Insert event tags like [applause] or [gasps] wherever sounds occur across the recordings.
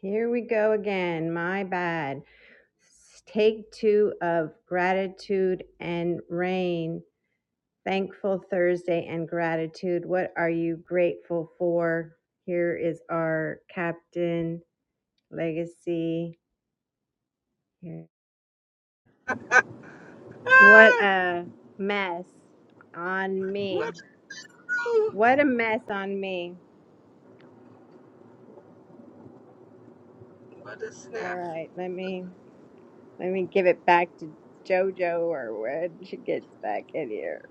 Here we go again. My bad. Take two of gratitude and rain. Thankful Thursday and gratitude. What are you grateful for? Here is our captain legacy. What Ah, a mess on me. what's wrong? What a mess on me. What a All snap. right, let me let me give it back to Jojo or when she gets back in here.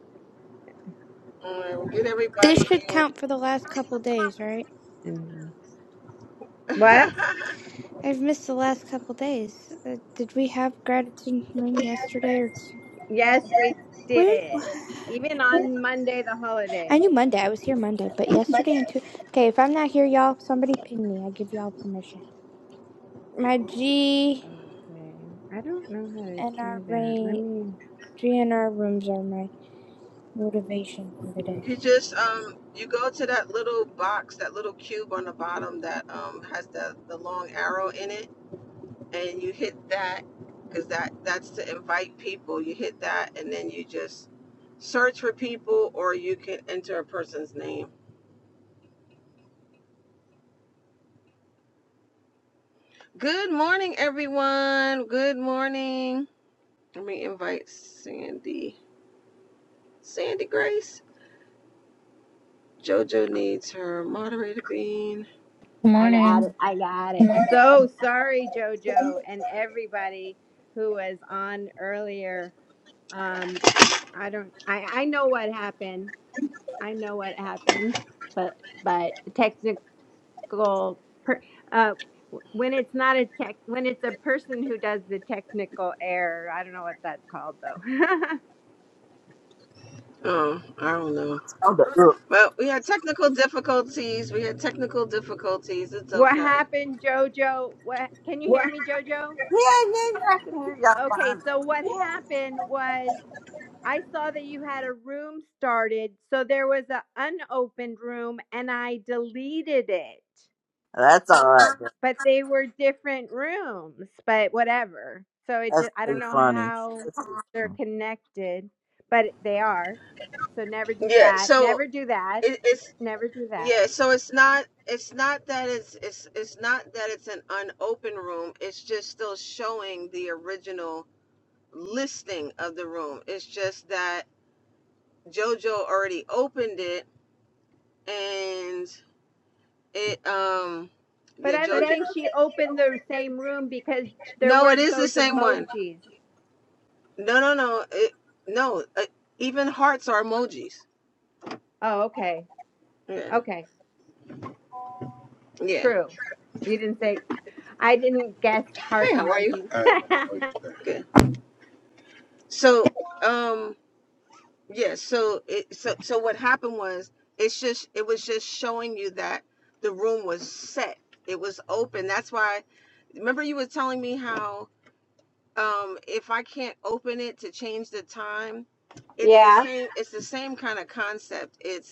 All right, we'll get This everybody should in. count for the last couple days, right? Mhm. [laughs] What? I've missed the last couple days. Uh, did we have gratitude ring yesterday or t- Yes, we where? [sighs] did. Even on Monday, the I holiday. knew Monday. I was here Monday, but yesterday and two. Okay, if I'm not here, y'all, somebody ping me. I give y'all permission. My G Okay. I don't know how to and our do that. Let rain, me. G and our rooms are my motivation for the day. you just um you go to that little box, that little cube on the bottom that um has the, the long arrow in it and you hit that because that that's to invite people. You hit that and then you just search for people or you can enter a person's name. Good morning everyone. Good morning. Let me invite Sandy. Sandy Grace. JoJo needs her moderator queen. Good I got it. morning. I got it. So sorry, JoJo, and everybody who was on earlier. Um, I don't. I I know what happened. I know what happened. But but technical. Per, uh, w- when it's not a tech, when it's a person who does the technical error, I don't know what that's called though. [laughs] Oh, I don't know. Oh, the ear- Well, we had technical difficulties. We had technical difficulties. It's What okay. happened, Jojo? What can you hear me, Jojo? Yeah, yeah, yeah, I can hear y'all Okay, fine. so what happened was I saw that you had a room started, so there was an unopened room and I deleted it. That's all right. Though. But they were different rooms, but whatever. So it That's just I don't too know funny. how That's too they're funny. connected, but they are. So never do Yeah. that. So Never do that. it, it's Never do that. yeah. So it's not. It's not that it's it's it's not that it's an unopened room. It's just still showing the original listing of the room. It's just that JoJo already opened it, and it um But yeah I But I JoJo. don't think don't she think she opened the opened same room because there No, it weren't is the those same one. emojis. No, no, no. It, no, uh, even hearts are emojis. Oh, okay. Yeah. Okay. Yeah. True. You didn't say, I didn't guess heart Hey, how are you? emojis. I had no [laughs] idea. Good. So, um, yeah, so it so so what happened was it's just it was just showing you that the room was set. It was open. That's why remember you were telling me how um if I can't open it to change the time, it's the yeah. same it's the same kind of concept. It's.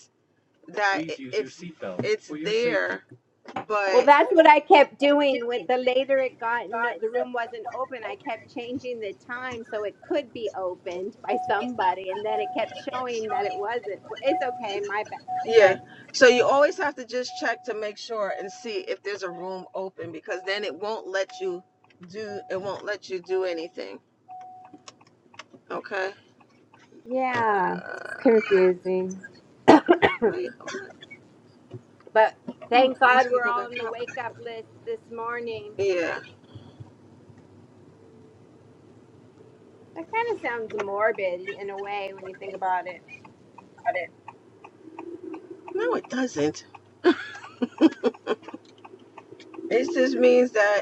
that Please use your it's your seatbelt it's for your safety. there, safety. Well, but that's what I kept doing. When the later it got, no, the room wasn't open. I kept changing the time so it could be opened by somebody, and then it kept showing that it wasn't. Well, It's okay, my bad. yeah. But So you always have to just check to make sure and see if there's a room open because then it won't let you do it won't let you do anything. Okay. yeah, Uh, it's confusing. wait. Oh, But oh, thank it God wants me to we're go all back on the out. wake up list this morning. Yeah. That kind of sounds morbid in a way when you think about it. No, it doesn't. It just means that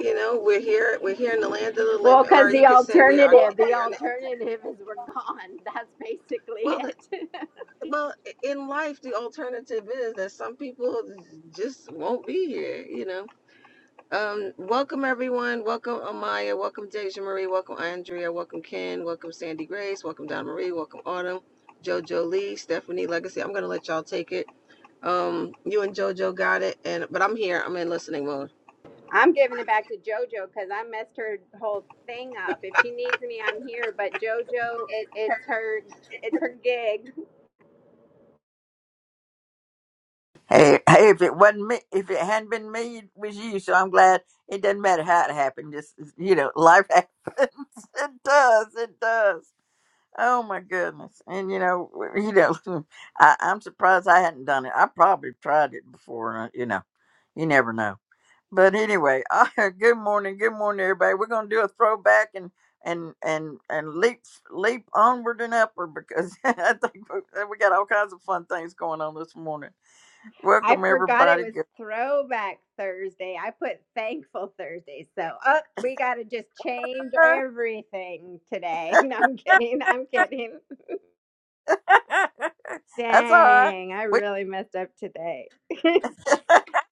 You know, we're here. We're here in the land of the Well, living, because or you the could say we are Well, alternative, [laughs] the here in. The, alternative is we're gone. [laughs] That's basically well, the, it. well, in life, the alternative is that some people just won't be here. You know. Um, welcome everyone. Welcome Amaya. Welcome Deja Marie. Welcome Andrea. Welcome Ken. Welcome Sandy Grace. Welcome Don Marie. Welcome Autumn. JoJo Lee. Stephanie Legacy. I'm gonna let y'all take it. Um, you and JoJo got it, and but I'm here. I'm in listening mode. [laughs] I'm giving it back to JoJo because I messed her whole thing up. If she needs me, I'm here. But JoJo, it's her, it's her gig. Hey, hey, if it wasn't me, if it hadn't been me, it was you. So I'm glad it doesn't matter how it happened. Just you know, life [laughs] happens. It does. It does. Oh my goodness. And you know, you know, [laughs] I, I'm surprised I hadn't done it. I probably tried it before. uh, You know, you never know. But anyway, [laughs] uh, good morning, good morning, everybody. We're gonna do a throwback and and and and leap leap onward and upward because [laughs] I think we, uh, we got all kinds of fun things going on this morning. I Welcome forgot it everybody. was Good- Throwback Thursday. I put Thankful Thursday. So, uh, we gotta just change everything today. [laughs] No, I'm kidding. I'm kidding. [laughs] [laughs] That's all right. Dang, I We, really messed up today. [laughs] [laughs] it's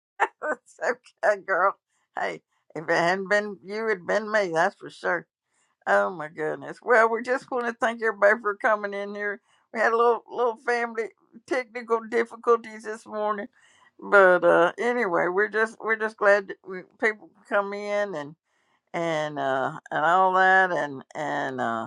okay, girl. Hey, if it hadn't been you, it'd been me. That's for sure. Oh my goodness. Well, we just want to thank everybody for coming in here. We had a little little family technical difficulties this morning but uh anyway we're just we're just glad that we, people come in and and uh and all that and and uh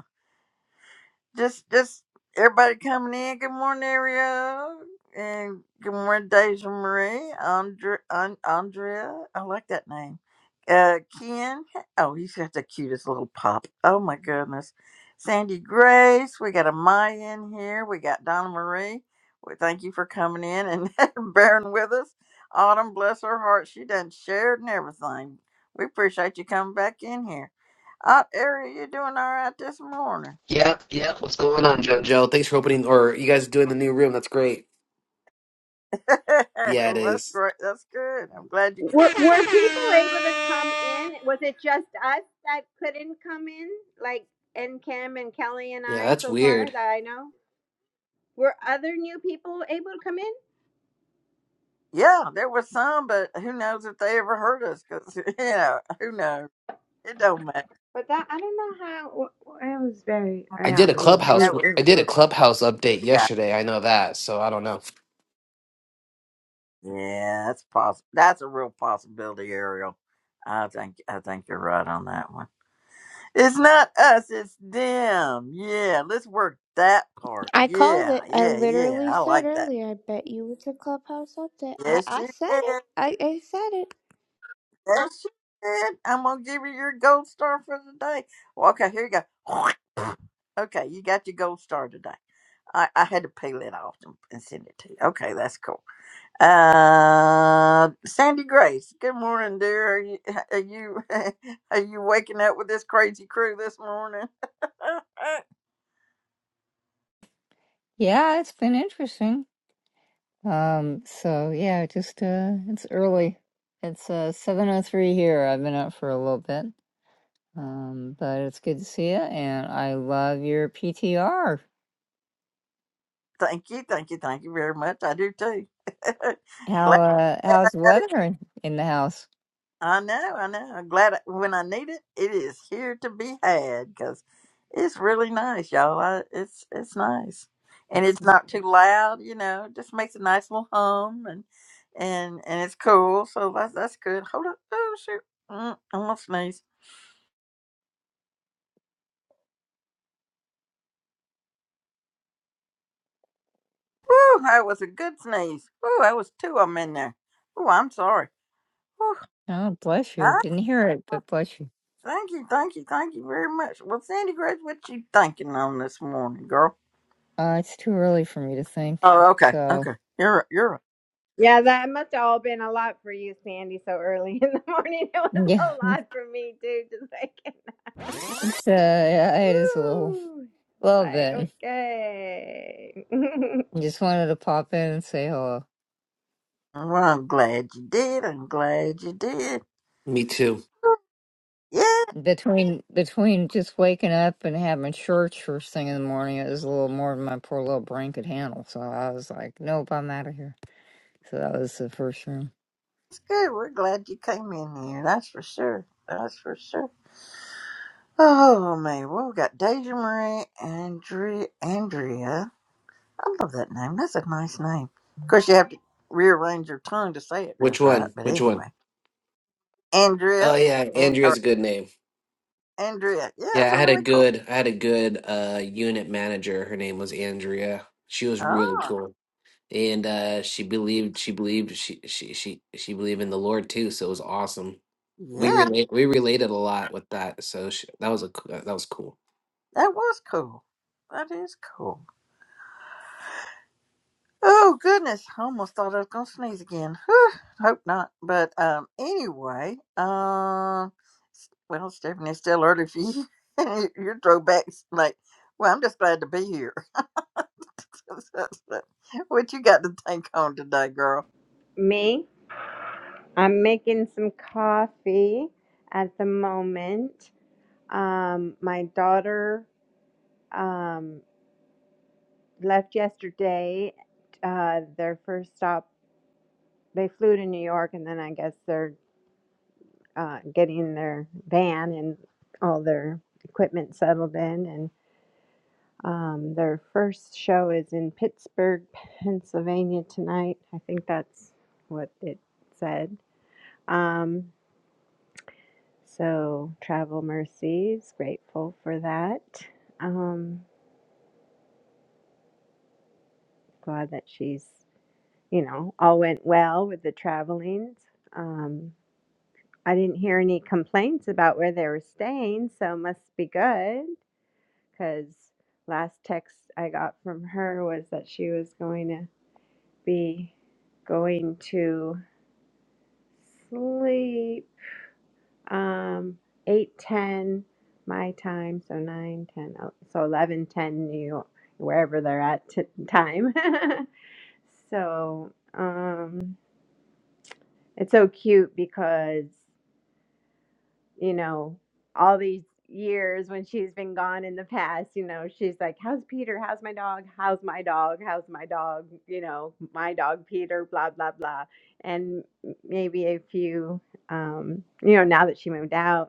just, just everybody coming in. Good morning, Ariel, and good morning, Deja Marie, Andre, An- Andrea. I like that name. Uh, Ken. Oh, he's got the cutest little pop. Oh my goodness. Sandy Grace. We got Amaya in here. We got Donna Marie. We thank you for coming in and [laughs] bearing with us. Autumn, bless her heart, she done shared and everything. We appreciate you coming back in here. Uh, Ariel, you doing all right this morning? Yep, yep. What's going on, JoJo? Thanks for opening, or you guys doing the new room. That's great. [laughs] Yeah, it well, that's is. great. That's good. I'm glad you. Were were people able to come in? Was it just us that couldn't come in? Like and Kim and Kelly and Yeah, I that's so far weird. that I know. Were other new people able to come in? Yeah, there was some, but who knows if they ever heard us? Because [laughs] you know, who knows? It don't matter. But that I don't know how I was very I yeah. did a mm, clubhouse. That mm, was I mm, did a mm. clubhouse update yeah. yesterday. I know that, so I don't know. Yeah, that's possible. That's a real possibility, Ariel. I think I think you're right on that one. It's not us. It's them. Yeah, let's work that part. I called Yeah, it. I yeah, yeah. literally I said like that. earlier. I bet you it's a clubhouse update. I Yes, I you said did. it. I I said it. Yes, you did. I'm gonna give you your gold star for the day. Well, okay, here you go. Okay, you got your gold star today. I, I had to peel it off and, and send it to you. Okay, that's cool. Uh, Sandy Grace, good morning, dear. Are you are you, [laughs] are you waking up with this crazy crew this morning? [laughs] Yeah, it's been interesting. Um, so yeah, just uh it's early. It's uh 7:03 here. I've been up for a little bit. Um, but it's good to see you and I love your PTR. thank you, thank you, thank you very much. I do too. [laughs] How Glad. uh I how's the got it. weather in, in the house? I know, I know. I'm glad I, when I need it, it is here to be had because it's really nice, y'all. I, it's it's nice, and It's it's not too loud. You know, it just makes a nice little hum, and and and it's cool. So that's that's good. Hold up. Oh shoot, mm, I'm gonna sneeze. Woo, that was a good sneeze. Woo, that was two of them in there. Oh, I'm sorry. Woo, oh, bless you. I, Didn't hear it, but bless you. thank you, thank you, thank you very much. Well, Sandy Grace, what you thinking on this morning, girl? Uh, it's too early for me to think. Oh, okay, So, okay. You're you're Yeah, that must have all been a lot for you, Sandy, so early [laughs] in the morning. [laughs] It was a yeah. [laughs] lot for me too, just like It's uh yeah, [laughs] it is a little woo. little Like, bit. okay. Just wanted to pop in and say hello. Well, I'm glad you did. I'm glad you did. Me too. Yeah, Between between just waking up and having church first thing in the morning, it was a little more than my poor little brain could handle. So I was like, "Nope, I'm out of here." So that was the first room. it's good. We're glad you came in here. That's for sure. That's for sure. Oh man, well we got Deja Marie Andrea Andrea. I love that name. That's a nice name. Of course you have to rearrange your tongue to say it Which just right, one? but Which one? anyway. Andrea Oh yeah, and or Andrea's a good name. Andrea. Yeah, Yeah, that's I a had a really cool good. I had a good uh unit manager. Her name was Andrea. She was really Oh cool. and uh she believed she believed she she she she believed in the lord too so it was awesome we yeah, relate we related a lot with that so she, that was a uh, that was cool that was cool. That is cool. Oh goodness! I almost thought I was gonna sneeze again. Whew, hope not. But um, anyway, um, s- well, Stephanie, it's still early for you. [laughs] Your throwbacks, like, well, I'm just glad to be here. [laughs] what you got to think on today, girl? [laughs] me? I'm making some coffee at the moment. Um, my daughter um, left yesterday. Uh, their first stop, they flew to New York, and then I guess they're uh, getting their van and all their equipment settled in. And um, their first show is in Pittsburgh, Pennsylvania tonight. I think that's what it said. Um, So, Travel Mercies, grateful for that. Um, glad that she's, you know, all went well with the traveling. Um, I didn't hear any complaints about where they were staying, so must be good because last text I got from her was that she was going to be going to sleep Um, eight ten my time, so nine ten, oh, so eleven ten New York, wherever they're at t- time. [laughs] so um, it's so cute because you know all these years when she's been gone in the past, you know she's like, "How's Peter? How's my dog? How's my dog? How's my dog? You know, my dog Peter." Blah blah blah, and maybe a few, um, you know, now that she moved out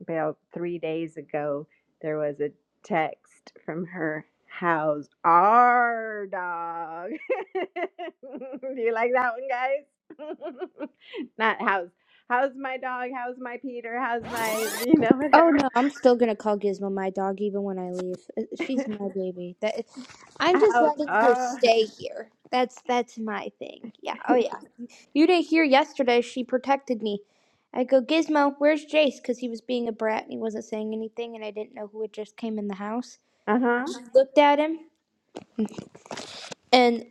about three days ago, there was a text from her How's Our dog. [laughs] Do you like that one, guys? [laughs] Not how's How's my dog? How's my Peter? How's my, you know, Oh whatever. no, I'm still gonna call Gizmo my dog even when I leave. Uh, [laughs] She's my baby. That I'm just How's, letting her uh, stay here. That's that's my thing. Yeah. Oh [laughs] yeah. You didn't hear yesterday. She protected me. I go Gizmo, where's Jace? Because he was being a brat and he wasn't saying anything, and I didn't know who had just came in the house. uh huh. She Looked at him and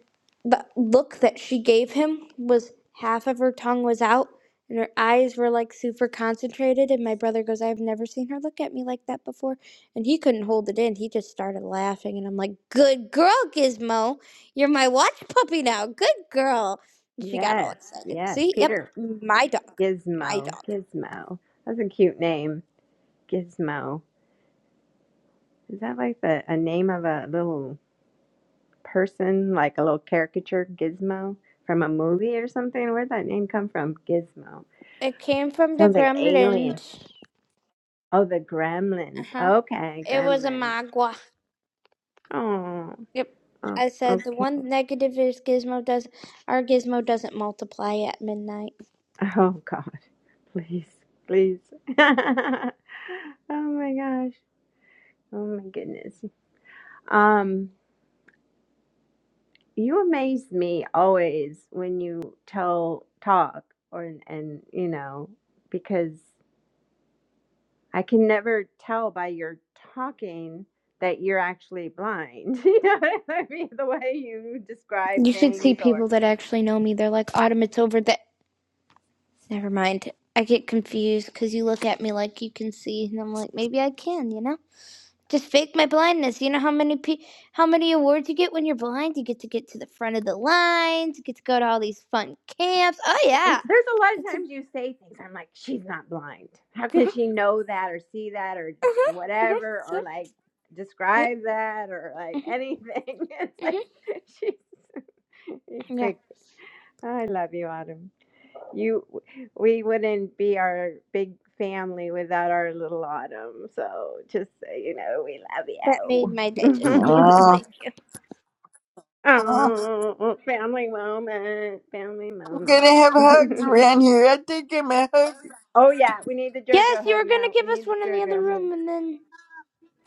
the look that she gave him was half of her tongue was out and her eyes were like super concentrated and my brother goes i've never seen her look at me like that before and he couldn't hold it in he just started laughing and i'm like good girl gizmo you're my watch puppy now good girl and she got all Yes, excited yes. see yep Peter my dog my Gizmo. dog Gizmo. That's a cute name. Gizmo. Is that like the a name of a little? person, like a little caricature gizmo from a movie or something. Where'd that name come from? Gizmo. It came from the Sounds like alien. gremlins. Oh, the Uh gremlins. huh. Okay, It was a gremlins. magua. Oh, Yep. oh I said the okay. one negative is Gizmo does our Gizmo doesn't multiply at midnight. [laughs] Oh, God. Please, please. [laughs] oh, my gosh. Oh, my goodness. Um, you amaze me always when you tell talk or and you know because I can never tell by your talking that you're actually blind. [laughs] you know what I mean? The way you describe You should see things, or people that actually know me. They're like, Autumn, it's over the. Never mind. I get confused because you look at me like you can see, and I'm like, maybe I can, you know? Just fake my blindness. You know how many pe- how many awards you get when you're blind? You get to get to the front of the lines. You get to go to all these fun camps. Oh yeah, oh, there's a lot of it's times a you say things, I'm like, she's not blind. How can she know that, or see that, or Mm-hmm. Mm-hmm. whatever, or Yep. like Yep. describe that, or like Mm-hmm. anything? [laughs] it's like, Mm-hmm. [laughs] she's [laughs] Yeah. great. I love you, Autumn. You, we wouldn't be our big family without our little Autumn. So just so you know, we That made my day just so love you know. you. Uh, Thank you. [laughs] I'm oh, family moment, family gonna moment. have hugs [laughs] around here. I did give me a hug. oh yeah, we need the Yes, JoJo you hug were gonna now. give We us need one the in the other JoJo hug. room and then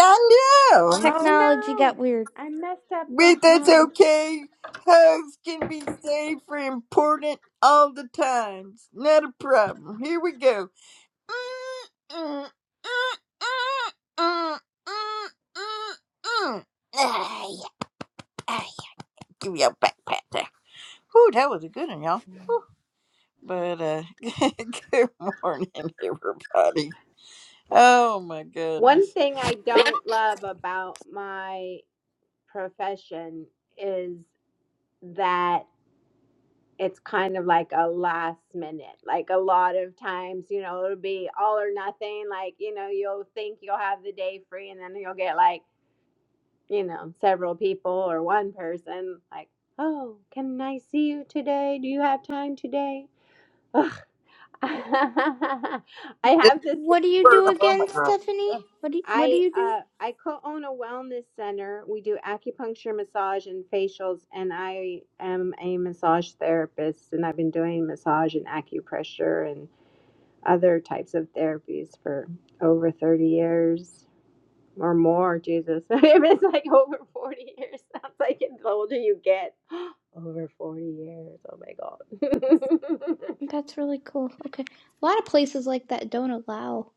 I know. Oh technology no, got weird. I messed up the But that's hug. okay. Hugs can be saved for important all the times. Not a problem. Here we go. [sighs] Ah, yeah, ah, yeah. Give me a back pat there. Whew, that was a good one, y'all. But uh, [laughs] good morning, everybody. Oh my One goodness. thing I don't love about my profession is that. it's kind of like a last minute. Like a lot of times, you know, it'll be all or nothing. Like, you know, you'll think you'll have the day free and then you'll get like, you know, several people or one person like, oh, can I see you today? Do you have time today? Ugh. [laughs] I Just have this. What do you for do the again, moment, girl. Stephanie? What do you, what do I you do? uh I co-own a wellness center. We do acupuncture, massage, and facials, and I am a massage therapist, and I've been doing massage and acupressure and other types of therapies for over 30 years or more, Jesus. [laughs] if it's like over 40 years, sounds like the older you get. [gasps] over 40 years. Oh my God. [laughs] That's really cool. Okay. A lot of places like that don't allow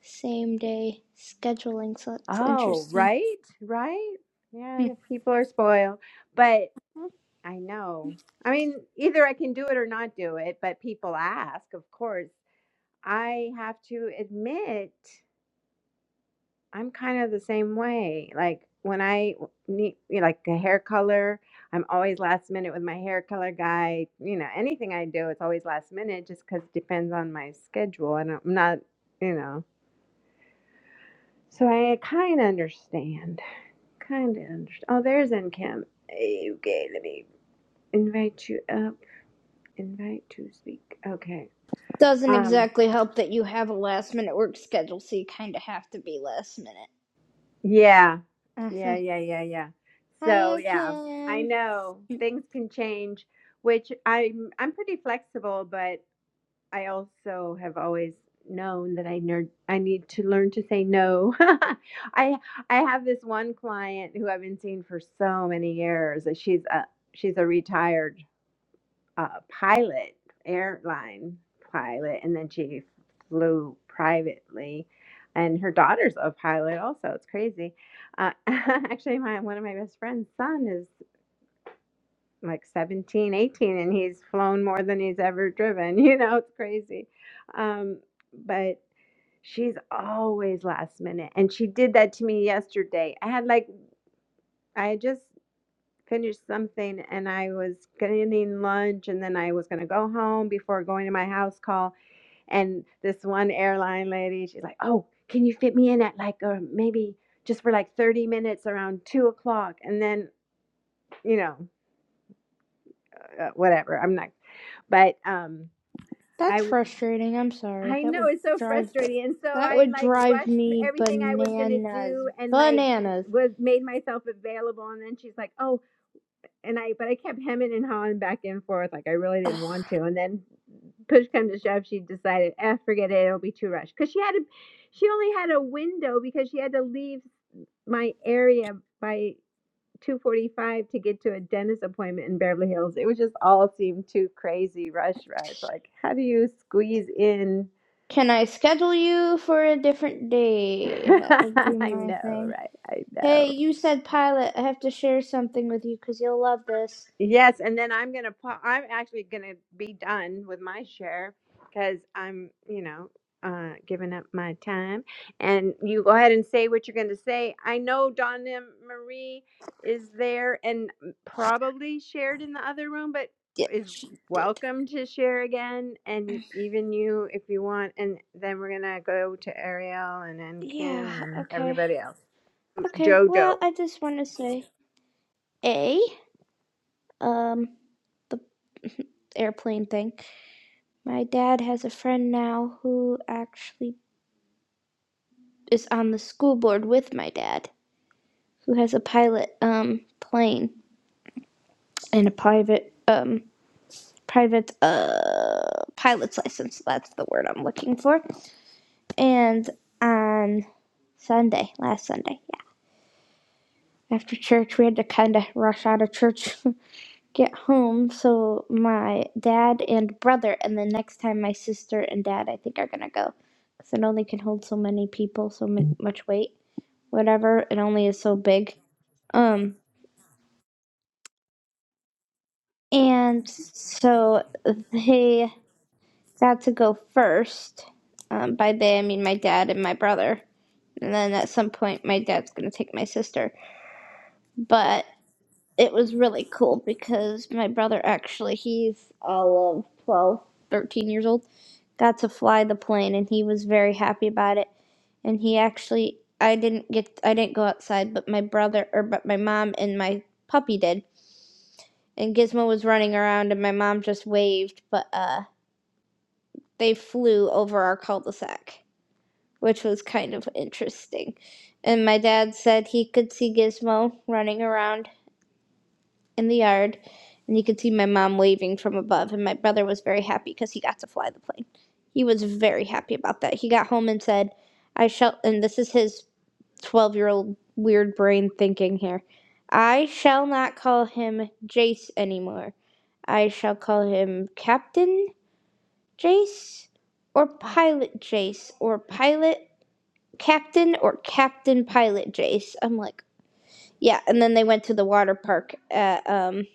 same day scheduling, so that's Oh, interesting. right, right. yeah, Hmm. the people are spoiled. But I know. I mean, either I can do it or not do it, but people ask, of course. I have to admit. I'm kind of the same way. Like when I w- need you know, like a hair color, I'm always last minute with my hair color guy. You know, anything I do, it's always last minute just because it depends on my schedule. And I'm not, you know. So I kind of understand. Kind of understand. Oh, there's NCAM. Okay, let me invite you up. Invite to speak. Okay. Doesn't Um. exactly help that you have a last minute work schedule, so you kind of have to be last minute. Yeah. Yeah, Uh-huh. yeah, yeah, yeah. Hi, So, Aunt yeah, I Kim. know things can change, which I'm I'm pretty flexible, but I also have always known that I ner- I need to learn to say no. [laughs] I I have this one client who I've been seeing for so many years. She's a she's a retired uh, pilot, airline pilot, and then she flew privately. And her daughter's a pilot, also. It's crazy. Uh, [laughs] actually, my one of my best friend's son is like 17, 18, and he's flown more than he's ever driven. [laughs] You know, it's crazy. Um, but she's always last minute. And she did that to me yesterday. I had like, I had just finished something and I was getting lunch and then I was going to go home before going to my house call. And this one airline lady, she's like, Oh, can you fit me in at like, or maybe just for like 30 minutes around two o'clock? And then, you know, uh, whatever. I'm not, but, um, I, That's w- frustrating. I'm sorry. I That know would it's so drive the, frustrating. And so that I would like drive rushed me everything I was going to bananas. do and like Bananas. was made myself available. And then she's like, Oh, and I but I kept hemming and hawing back and forth like I really didn't want to. And then push come to shove, she decided, eh, forget it, it'll be too rushed because she had to. She only had a window because she had to leave my area by two forty five to get to a dentist appointment in Beverly Hills. It was just all seemed too crazy, rush, rush. Like how do you squeeze in? Can I schedule you for a different [laughs] day? That would be I my know, thing. right? I know. Hey, you said pilot. I have to share something with you because you'll love this. Yes, and then I'm gonna. pa- I'm actually gonna be done with my share because I'm, you know, uh, giving up my time. And you go ahead and say what you're gonna say. I know Donna Marie is there and probably shared in the other room, but Yeah, is she did. welcome to share again, and even you if you want. And then we're gonna go to Ariel and then Kim Yeah, and okay. everybody else. Okay, well, Jojo. I just want to say A, um, the airplane thing. My dad has a friend now who actually is on the school board with my dad, who has a pilot um plane and a private um private uh pilot's license. That's the word I'm looking for. And on Sunday, last Sunday, yeah, after church, we had to kind of rush out of church, [laughs] get home. So my dad and brother, and then next time my sister and dad, I think are gonna go, because it only can hold so many people, so much weight, whatever. It only is so big. Um, And so they got to go first. Um, by they, I mean my dad and my brother. And then at some point, my dad's going to take my sister. But it was really cool because my brother actually, he's all of 12, 13 years old, got to fly the plane and he was very happy about it. And he actually, I didn't get, I didn't go outside, but my brother, or but my mom and my puppy did. And Gizmo was running around and my mom just waved, but, uh, they flew over our cul-de-sac, which was kind of interesting. And my dad said he could see Gizmo running around in the yard, and he could see my mom waving from above. And my brother was very happy because he got to fly the plane. He was very happy about that. He got home and said, "I shall." And this is his twelve-year-old weird brain thinking here. I shall not call him Jace anymore. I shall call him Captain Jace or Pilot Jace or Pilot Captain or Captain Pilot Jace. I'm like, yeah. And then they went to the water park at um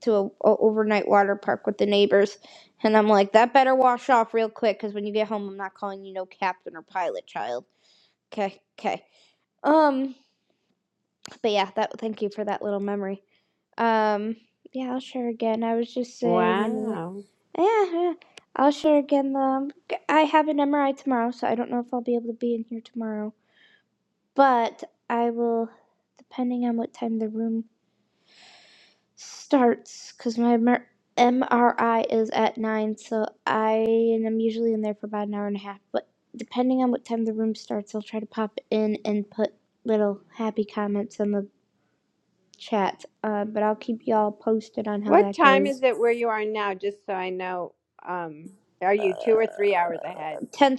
to a, a overnight water park with the neighbors, and I'm like, that better wash off real quick because when you get home, I'm not calling you no Captain or Pilot, child. Okay, okay. Um, but yeah, that. Thank you for that little memory. Um, yeah, I'll share again. I was just saying in the Wow. Yeah, yeah. I'll share again. The I have an MRI tomorrow, so I don't know if I'll be able to be in here tomorrow. But I will, depending on what time the room starts, because my MR MRI is at nine, so I and I'm usually in there for about an hour and a half. But depending on what time the room starts, I'll try to pop in and put little happy comments in the chat. Uh, but I'll keep y'all posted on how What that time is goes. it where you are now? Just so I know, um, are you two or three hours ahead? Ten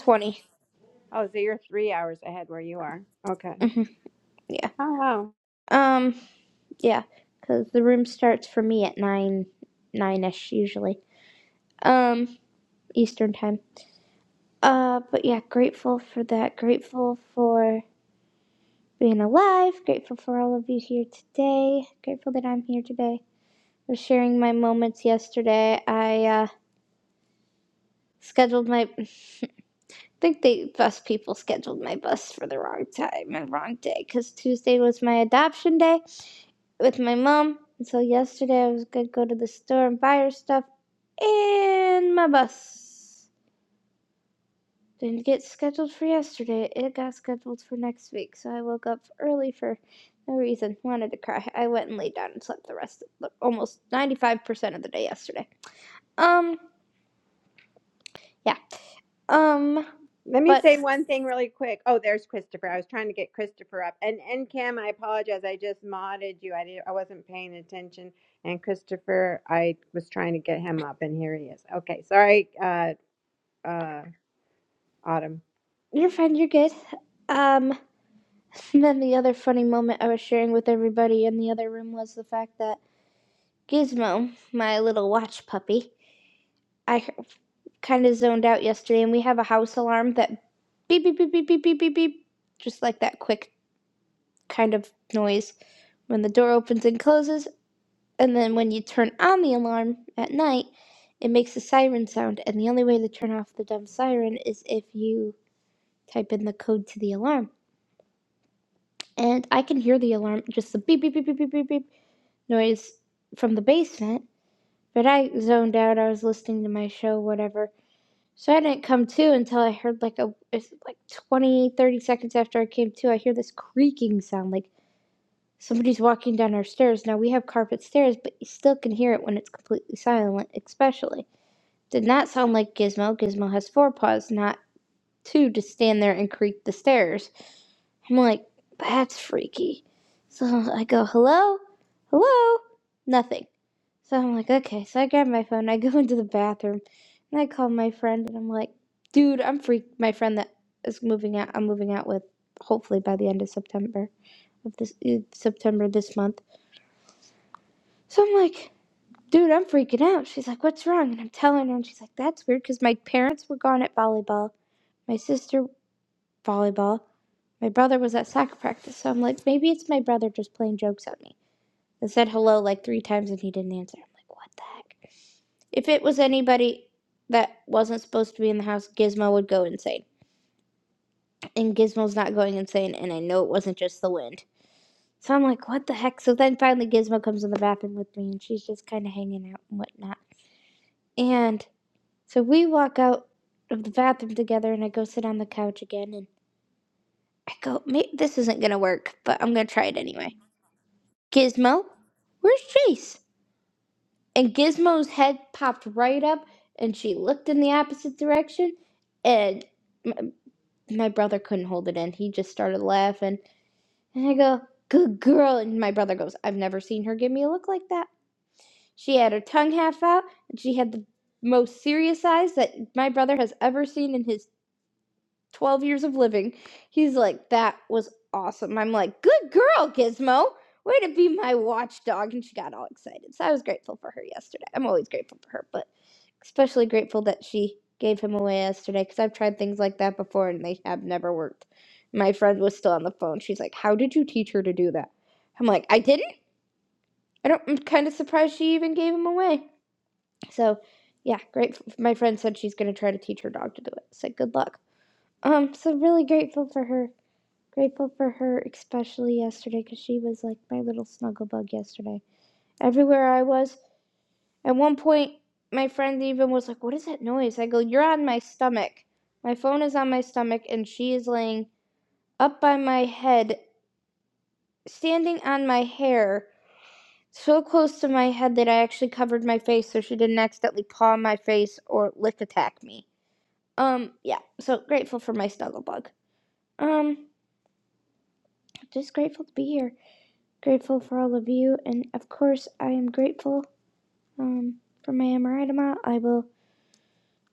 Oh, so you're three hours ahead where you are. Okay. Mm-hmm. [laughs] Yeah. Oh wow. Um. Yeah, because the room starts for me at nine, nine ish usually, um, Eastern time. Uh, but yeah, grateful for that. Grateful for being alive. Grateful for all of you here today. Grateful that I'm here today. I Was sharing my moments yesterday, I uh, scheduled my. think the bus people scheduled my bus for the wrong time and wrong day because Tuesday was my adoption day with my mom. And so yesterday I was gonna go to the store and buy her stuff, and my bus didn't get scheduled for yesterday. It got scheduled for next week, so I woke up early for no reason. Wanted to cry. I went and laid down and slept the rest of the, almost ninety five percent of the day yesterday. Um, yeah. Um, Let me but say one thing really quick. Oh, there's Christopher. I was trying to get Christopher up. And and Kim, I apologize. I just modded you. I didn't. I wasn't paying attention. And Christopher, I was trying to get him up, and here he is. Okay. Sorry, uh, uh, Autumn. you're fine. You're good. Um, [laughs] And then the other funny moment I was sharing with everybody in the other room was the fact that Gizmo, my little watch puppy, I kind of zoned out yesterday, and we have a house alarm that beep, beep, beep, beep, beep, beep, beep, beep, just like that quick kind of noise when the door opens and closes. And then when you turn on the alarm at night, it makes a siren sound. And the only way to turn off the dumb siren is if you type in the code to the alarm. And I can hear the alarm, just the beep, beep, beep, beep, beep, beep, beep noise from the basement, but I zoned out. I was listening to my show, whatever. So I didn't come to until I heard like a it's like 20, 30 seconds after I came to, I hear this creaking sound like somebody's walking down our stairs. Now we have carpet stairs, but you still can hear it when it's completely silent, especially. Did not sound like Gizmo. Gizmo has four paws, not two to stand there and creak the stairs. I'm like, that's freaky. So I go, hello? Hello? Nothing. So I'm like, okay. So I grab my phone, I go [laughs] into the bathroom, and I call my friend, and I'm like, dude, I'm freaked. My friend that is moving out, I'm moving out with, hopefully by the end of September, of this uh, September this month. So I'm like, dude, I'm freaking out. She's like, what's wrong? And I'm telling her, and she's like, that's weird because my parents were gone at volleyball, my sister, volleyball. My brother was at soccer practice, so I'm like, maybe it's my brother just playing jokes at me. I said hello like three times and he didn't answer. I'm like, what the heck? If it was anybody that wasn't supposed to be in the house, Gizmo would go insane. And Gizmo's not going insane, and I know it wasn't just the wind. So I'm like, what the heck? So then finally Gizmo comes in the bathroom with me and she's just kind of hanging out and whatnot. And so we walk out of the bathroom together and I go sit on the couch again and I go, "Ma- this isn't going to work, but I'm going to try it anyway. Gizmo, where's Chase? And Gizmo's head popped right up, and she looked in the opposite direction, and m- my brother couldn't hold it in. He just started laughing, and I go, "Good girl!" And my brother goes, "I've never seen her give me a look like that." She had her tongue half out, and she had the most serious eyes that my brother has ever seen in his 12 years of living. He's like, that was awesome. I'm like, good girl, Gizmo. Way to be my watchdog. And she got all excited. So I was grateful for her yesterday. I'm always grateful for her, but especially grateful that she gave him away yesterday because I've tried things like that before and they have never worked. My friend was still on the phone. She's like, how did you teach her to do that? I'm like, I didn't. I don't, I'm kind of surprised she even gave him away. So, yeah, great. My friend said she's going to try to teach her dog to do it. I Said good luck. Um, so really grateful for her. Grateful for her, especially yesterday, because she was like my little snuggle bug yesterday. Everywhere I was, at one point, my friend even was like, What is that noise? I go, You're on my stomach. My phone is on my stomach, and she is laying up by my head, standing on my hair, so close to my head that I actually covered my face so she didn't accidentally paw my face or lick attack me. Um, yeah, so grateful for my snuggle bug. Um, just grateful to be here. grateful for all of you. And of course, I am grateful um, for my Amaritama. I will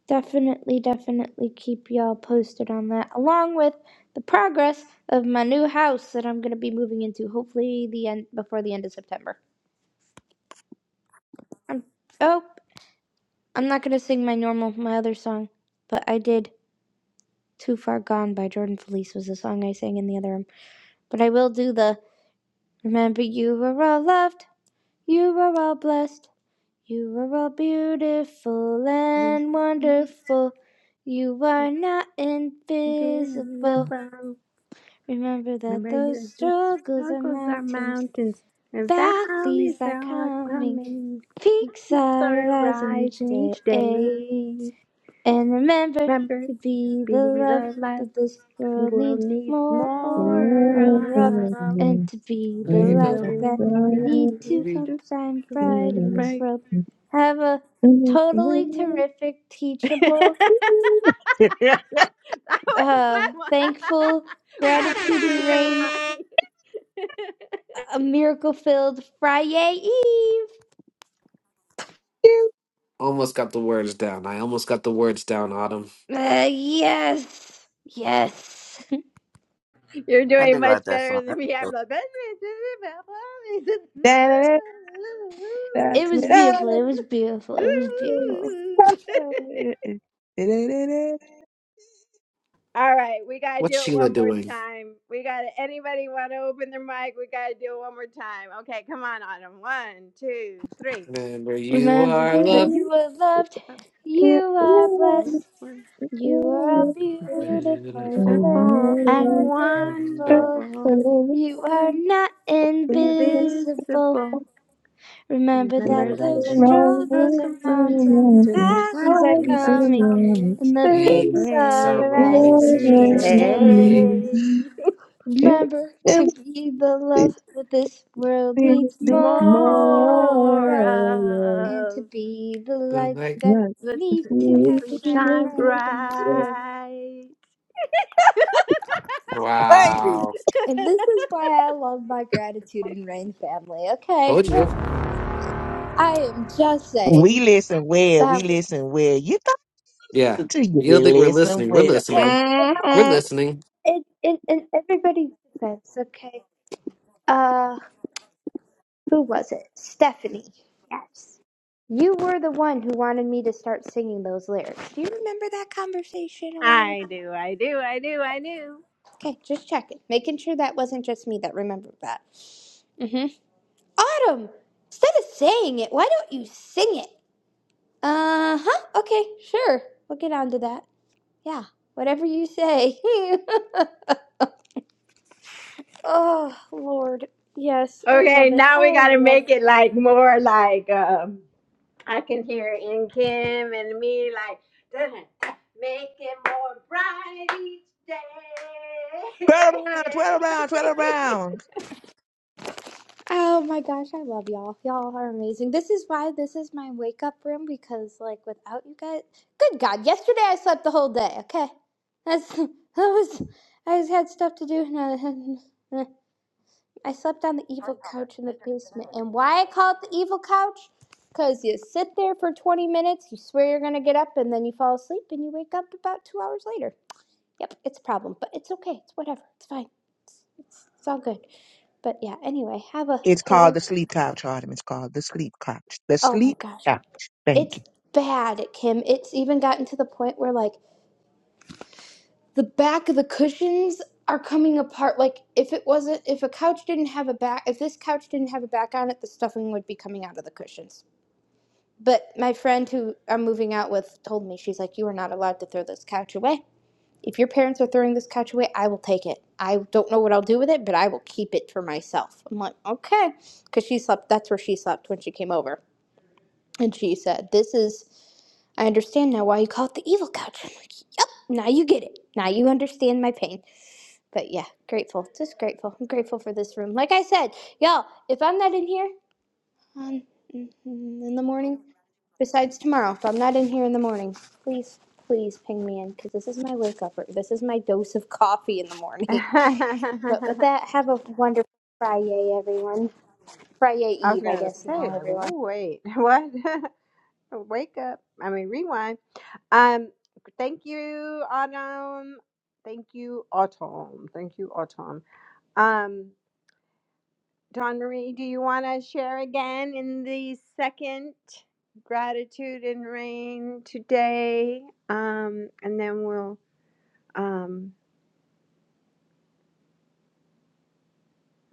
definitely, definitely keep y'all posted on that, along with the progress of my new house that I'm going to be moving into, hopefully the end before the end of September. I'm, oh, I'm not going to sing my normal, my other song, but I did Too Far Gone by Jordan Felice was the song I sang in the other room. But I will do the Remember You Were All Loved, You Were All Blessed. You are all beautiful and Invisible. wonderful. You are not invisible. Remember that Remember those you do struggles are struggles are mountains, mountains and valleys valleys are are coming, coming. The peaks Keeps are are rising each rising day. each day. And remember Remember, to be the be love the life that this this world world needs needs more Thank of, more of. and to be the Be light the that one we that need to we help We do. shine [laughs] bright in this Right. world. Have a totally terrific, [laughs] that teachable, was uh, fun. thankful, [laughs] I have to gratitude sing and a rain, line. [laughs] a miracle filled Friday Eve. you. almost got the words down i almost got the words down autumn Uh, yes, yes. [laughs] You're I do doing like much that song. better than me. I'm like, It was beautiful. It was beautiful. It was beautiful. all right, we gotta what's do it sheila one more doing time. We gotta. Anybody want to open their mic? We gotta do it one more time. Okay, come on, Autumn. One, two, three. remember you Remember are that loved you are loved, you are blessed, you are beautiful beautiful Beautiful and and Remember, wonderful. wonderful, You are not invisible. invisible. Remember Remember that that those you remember, struggles are struggles are around mountains, and the valleys are valleys are coming, coming and the peace peaks are are day, arising It rising each each day. day day. Remember to empty be the love that this world feels needs this more More of. more. and to of be the But light like that Not we the the need to have feeling of shine shine bright it. in this world. bright. Baby, wow And this is why I love my gratitude and rain family. Okay, told you I'm just saying. I am just We saying listen well. We that we. listen well. You thought Yeah. listen to you. You We don't think we're listen listening. We're well. Hey, listening. you We're Mm-hmm. listening. know, in in, in everybody's defense, okay. Uh, who was it? Stephanie. Yes. You were the one who wanted me to start singing those lyrics. Do you remember that conversation a while I ago? do, I do, I do, I do. Okay, just checking. Making sure that wasn't just me that remembered that. Mm-hmm. Autumn! Instead of saying it, why don't you sing it? Uh huh. Okay, sure. We'll get on to that. Yeah, whatever you say. [laughs] oh, Lord. Yes, I Okay, love it. now we I gotta love it. make it like more like um I can hear it in Kim and me like dun, dun, make it more bright each day. Twirl around, twirl around, twirl around. Oh my gosh, I love y'all. Y'all are amazing. This is why this is my wake up room because, like, without you guys, good God, yesterday I slept the whole day. Okay, that's [laughs] that was I just had stuff to do. and I [laughs] I slept on the evil couch in the basement. And why I call it the evil couch? Because you sit there for 20 minutes, you swear you're gonna get up, and then you fall asleep, and you wake up about two hours later. Yep, it's a problem, but it's okay. It's whatever. It's fine. It's, it's all good. But yeah, anyway, have a It's called total. the sleep couch, Artem. It's called the sleep couch. The Oh my sleep gosh. couch. Thank It's you, bad, Kim. It's even gotten to the point where like the back of the cushions are coming apart. Like if it wasn't if a couch didn't have a back if this couch didn't have a back on it, the stuffing would be coming out of the cushions. But my friend who I'm moving out with told me, she's like, You are not allowed to throw this couch away. If your parents are throwing this couch away, I will take it. I don't know what I'll do with it, but I will keep it for myself. I'm like, okay. Because she slept, that's where she slept when she came over. And she said, This is I understand now why you call it the evil couch. I'm like, yep, now you get it. Now you understand my pain. But yeah, grateful. Just grateful. I'm grateful for this room. Like I said, y'all, if I'm not in here on, mm-hmm, in the morning, besides tomorrow, if I'm not in here in the morning, please, please ping me in because this is my wake up. This is my dose of coffee in the [laughs] morning. [laughs] But with that, have a wonderful Friday, everyone. Friday I was Eve, I gonna guess say now, like everyone. "Ooh, wait [laughs] what [laughs] wake up I mean rewind um thank you autumn thank you autumn thank you autumn um Don Marie, do you want to share again in the second gratitude and rain today? Um, and then we'll. Um,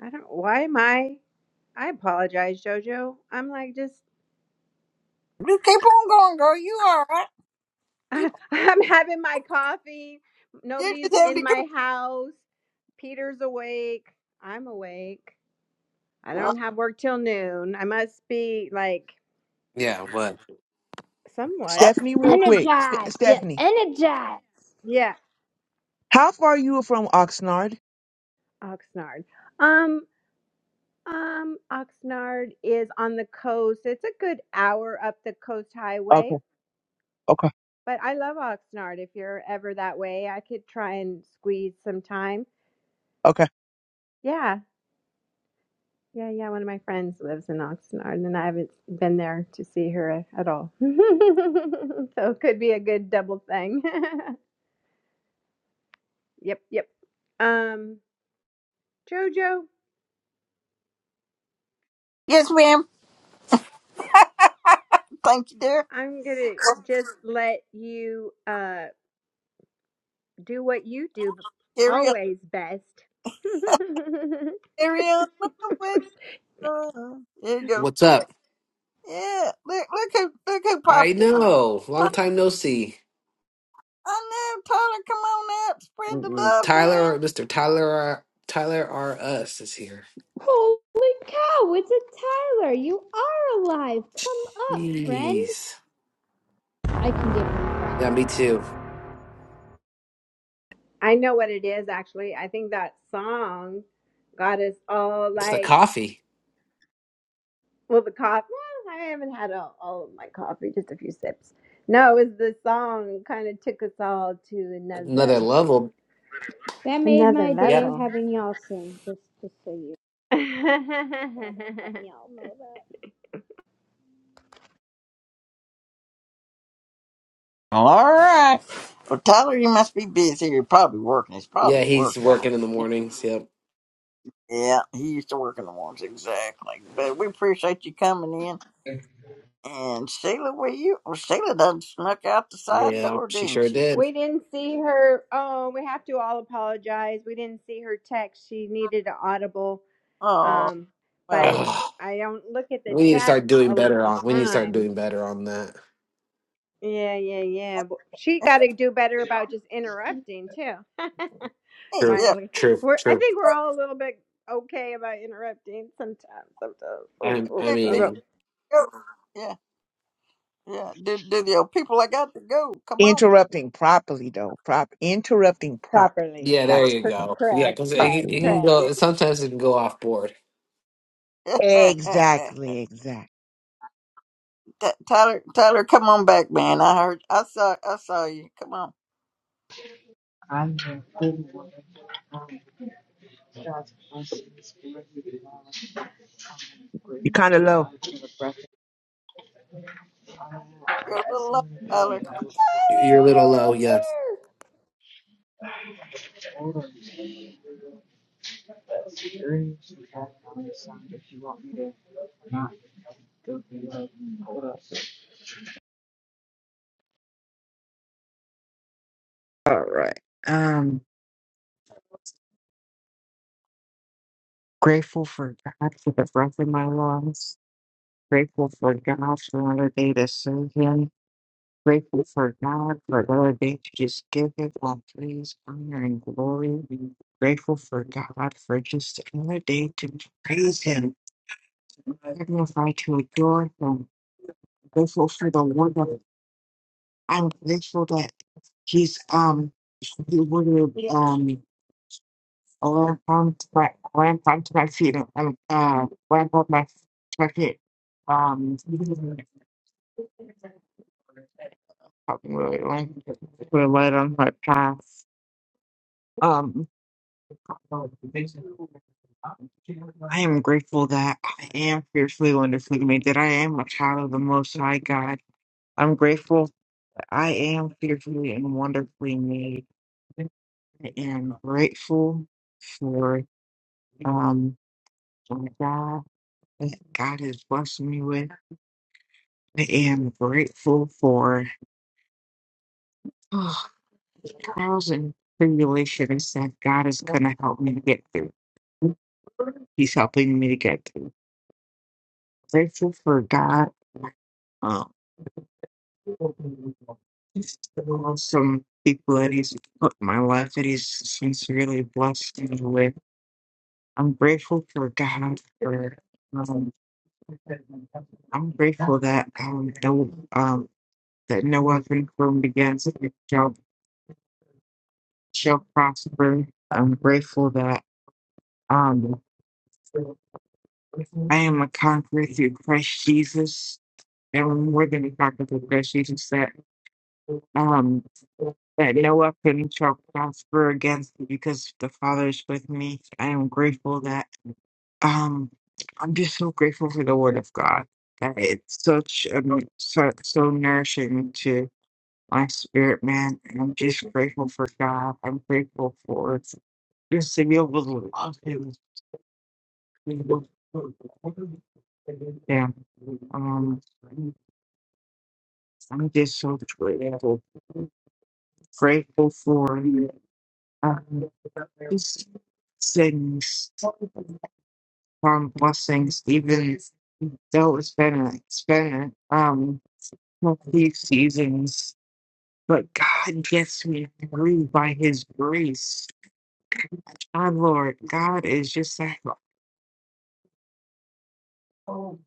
I don't. Why am I? I apologize, Jojo. I'm like just. you keep on going, girl. You all right? [laughs] You, I'm having my coffee. you Nobody's just in my house. Peter's awake. I'm awake. I don't have work till noon. I must be like Yeah, what? somewhat. Stephanie. Real quick, Ste Energize. Yeah, Stephanie, energize. Yeah. how far are you from Oxnard? Oxnard. Um. Um, Oxnard is on the coast. It's a good hour up the coast highway, Okay, okay. but I love Oxnard. If you're ever that way, I could try and squeeze some time. Okay. Yeah, yeah, yeah. One of my friends lives in Oxnard, and I haven't been there to see her a- at all. [laughs] so it could be a good double thing. [laughs] yep, yep. Um, Jojo, Yes, ma'am. Thank you, dear. I'm gonna just let you uh do what you do Carry on. always best. [laughs] Carry on my way. Uh, There you go. what's up? Yeah, look, look who, look who I popped in. know. Ty- Long time no see. I know, Tyler, come on out, spread the Mm-mm. love, man. Tyler, Mr. Tyler, R- Tyler R. Us is here. Holy cow, it's a Tyler! You are alive! Come up, friend! Jeez. I can give him crap. Yeah, me too. I know what it is actually. I think that song got us all It's the like coffee. well the coffee. Well, I haven't had all, all of my coffee, just a few sips. No, it was the song kind of took us all to Another another level. That made another my day Yep. level. having y'all sing, just, just so you thought I'd let y'all know that. All right. Well, Tyler, you must be busy. You're probably working. He's probably Yeah, at he's work, y'all. working in the mornings. Yep. Yeah, he used to work in the mornings, exactly. But we appreciate you coming in. I'm And Sheila, were you? Well, Sheila done snuck out the side Yeah, door, she didn't sure she? [laughs] did. we didn't see her. Oh, we have to all apologize. We didn't see her text. She needed an audible. Oh, Um, well, we, but Ugh. I don't look at the We need to chat start doing all better the on. We need to start time. doing better on that. Yeah, yeah, yeah. But she got to do better about just interrupting too. [laughs] hey, True. like yeah, True. we're, I True. think we're all a little bit okay about interrupting sometimes. Sometimes, oh, I, oh, I give shut people up mean, go. Yeah, yeah. Do do the old people? I got to go. Come on. Interrupting properly, though. Prop interrupting properly. properly. Yeah, there Well, That's you the Cor- word. go. Yeah, Correct, because it, it correct, Properly. Yeah. can correct. go. [laughs] Sometimes it can go off board. Exactly. Exactly. Ty- Tyler, Tyler, come on back, man. I heard, I saw, I saw you. Come on, the good one. Um, God's blessings for you. I'm You're grateful kind of for low. God for the breath of life, for you're a the little low, excellent love Tyler. Tyler, for You're a little you're low. up Yeah, here. the experience you have on the side. If you want me to not go through that, hold up. All right. Um, grateful for God for the breath in my lungs. Grateful for God for another day to serve Him. Grateful for God for another day to just give Him all praise, honor, and glory. Grateful for God for just another day to praise Him, magnify, to adore Him. Grateful for the Word of I'm grateful that He's um He would um lamp on to my lamp onto my feet and um, uh lamp on my to my feet. Um, Talking really late. We're late on my path. Um, I am grateful that I am fiercely wonderfully made, that I am a child of the Most High God. I'm grateful that I am fearfully and wonderfully made. I am grateful for um my God that God has blessed me with. I am grateful for [sighs] trials and tribulations that God is going to help me to get through. He's helping me to get through. Grateful for God. Um, some people that He's put in my life that He's sincerely blessed me with. I'm grateful for God. For um, I'm grateful that um, the, um, that no weapon formed against me shall shall prosper. I'm grateful that um. I am a conqueror through Christ Jesus. And we're going to talk about Christ Jesus that um that no weapon shall prosper against me because the Father is with me. I am grateful that um I'm just so grateful for the Word of God. That it's such um so, so nourishing to my spirit, man. And I'm just grateful for God. I'm grateful for just to be able to love Him Yeah. Um, I'm just so grateful, grateful for um, just things, um, blessings, even though it's been a, it's been a, um, a few seasons, but God gets me through by His grace. Our Lord, God is just that. Um,